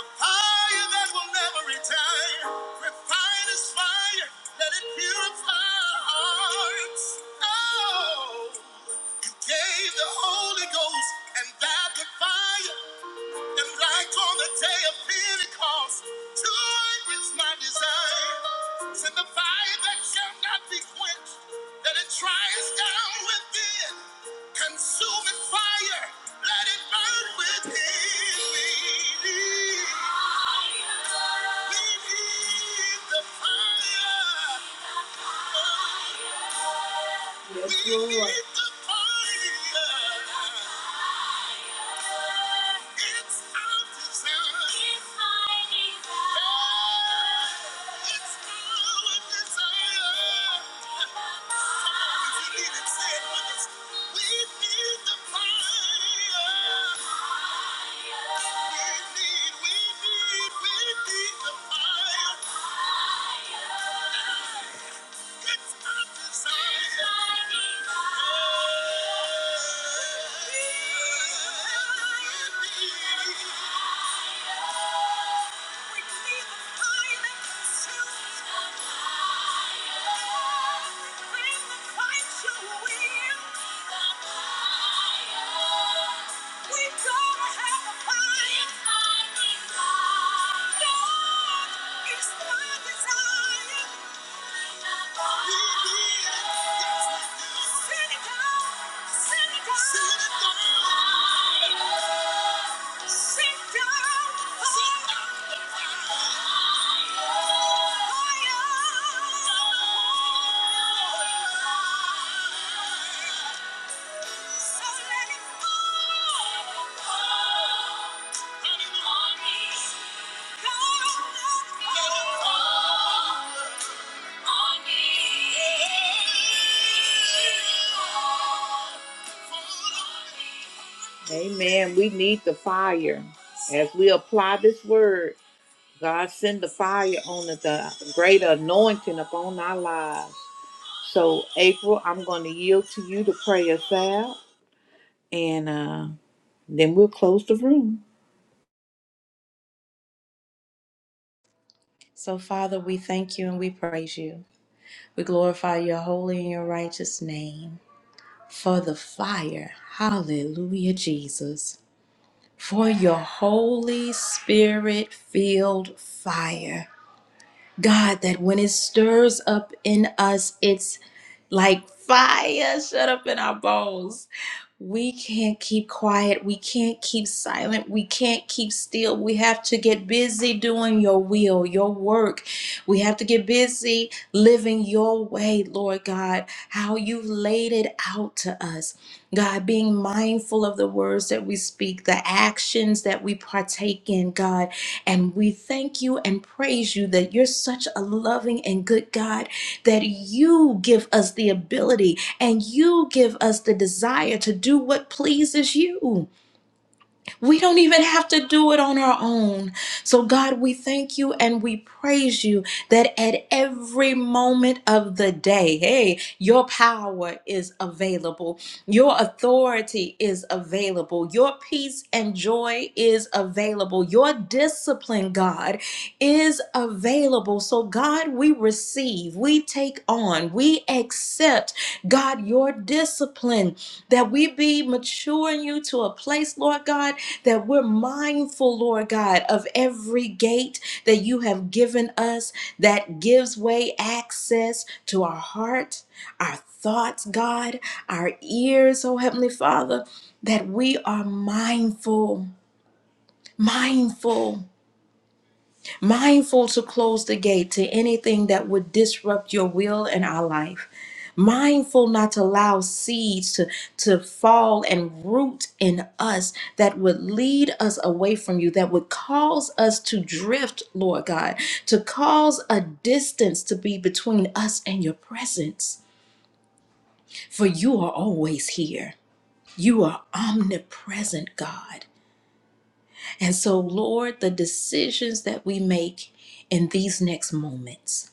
[SPEAKER 1] The fire that will never retire. Refine us fire. Let it purify our hearts. Oh, you gave the Holy Ghost and that the fire. And like on the day of Pentecost, joy is my desire. Send the fire that shall not be quenched, that it tries down within. Consuming fire, let it burn within me. We need the fire. Yes, We Lord. need the fire. It's our desire. Yeah. Send it down, send it down. Oh, Amen. We need the fire. As we apply this word, God send the fire on the, the great anointing upon our lives. So, April, I'm going to yield to you to pray us out, and uh, then we'll close the room.
[SPEAKER 5] So, Father, we thank you and we praise you. We glorify your holy and your righteous name for the fire. Hallelujah, Jesus. For your Holy Spirit filled fire. God, that when it stirs up in us, it like fire shut up in our bones. We can't keep quiet. We can't keep silent. We can't keep still. We have to get busy doing your will, your work. We have to get busy living your way, Lord God, how you've laid it out to us. God, being mindful of the words that we speak, the actions that we partake in, God. And we thank you and praise you that you're such a loving and good God that you give us the ability and you give us the desire to do what pleases you. We don't even have to do it on our own. So, God, we thank you and we praise you that at every moment of the day, hey, your power is available, your authority is available, your peace and joy is available, your discipline, God, is available. So, God, we receive, we take on, we accept, God, your discipline that we be maturing you to a place, Lord God that we're mindful, Lord God, of every gate that you have given us that gives way access to our heart, our thoughts, God, our ears, oh Heavenly Father, that we are mindful, mindful mindful to close the gate to anything that would disrupt your will in our life. Mindful not to allow seeds to, to fall and root in us that would lead us away from you, that would cause us to drift, Lord God, to cause a distance to be between us and your presence. For you are always here. You are omnipresent, God. And so, Lord, the decisions that we make in these next moments.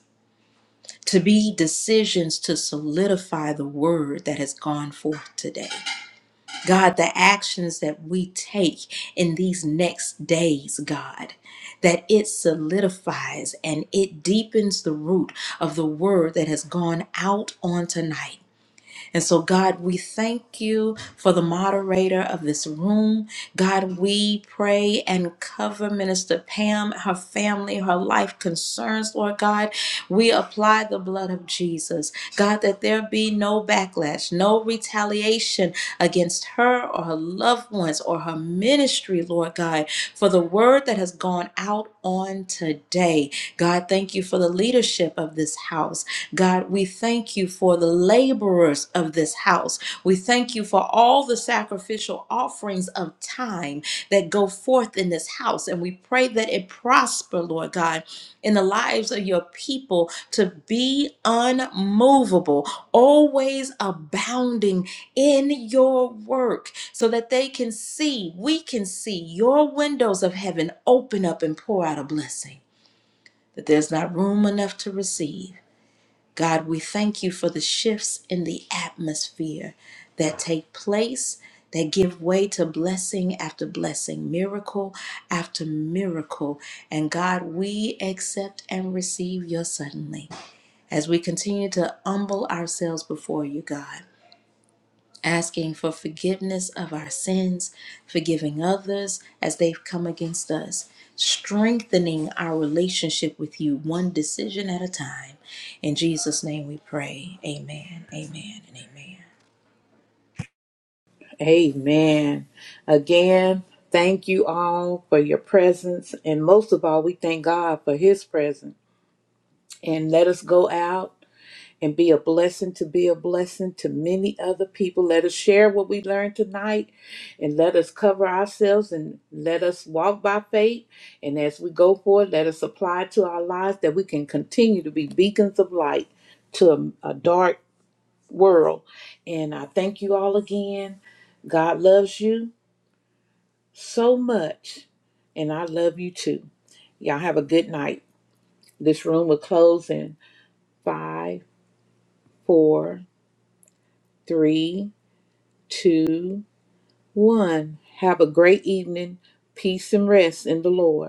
[SPEAKER 5] to be decisions to solidify the word that has gone forth today. God, the actions that we take in these next days, God, that it solidifies and it deepens the root of the word that has gone out on tonight. And so, God, we thank you for the moderator of this room. God, we pray and cover Minister Pam, her family, her life concerns, Lord God. We apply the blood of Jesus. God, that there be no backlash, no retaliation against her or her loved ones or her ministry, Lord God, for the word that has gone out on today. God, thank you for the leadership of this house. God, we thank you for the laborers of this house. We thank you for all the sacrificial offerings of time that go forth in this house. And we pray that it prosper, Lord God, in the lives of your people to be unmovable, always abounding in your work so that they can see, we can see your windows of heaven open up and pour out a blessing that there's not room enough to receive. God, we thank you for the shifts in the atmosphere that take place, that give way to blessing after blessing, miracle after miracle. And God, we accept and receive your suddenly as we continue to humble ourselves before you, God asking for forgiveness of our sins, forgiving others as they've come against us, strengthening our relationship with you one decision at a time. In Jesus' name we pray. Amen, amen, and amen.
[SPEAKER 1] Amen. Again, thank you all for your presence. And most of all, we thank God for his presence. and let us go out and be a blessing to be a blessing to many other people. Let us share what we learned tonight and let us cover ourselves and let us walk by faith. And as we go forward, let us apply to our lives that we can continue to be beacons of light to a, a dark world. And I thank you all again. God loves you so much, and I love you too. Y'all have a good night. This room will close in five, four, three, two, one. Have a great evening. Peace and rest in the Lord.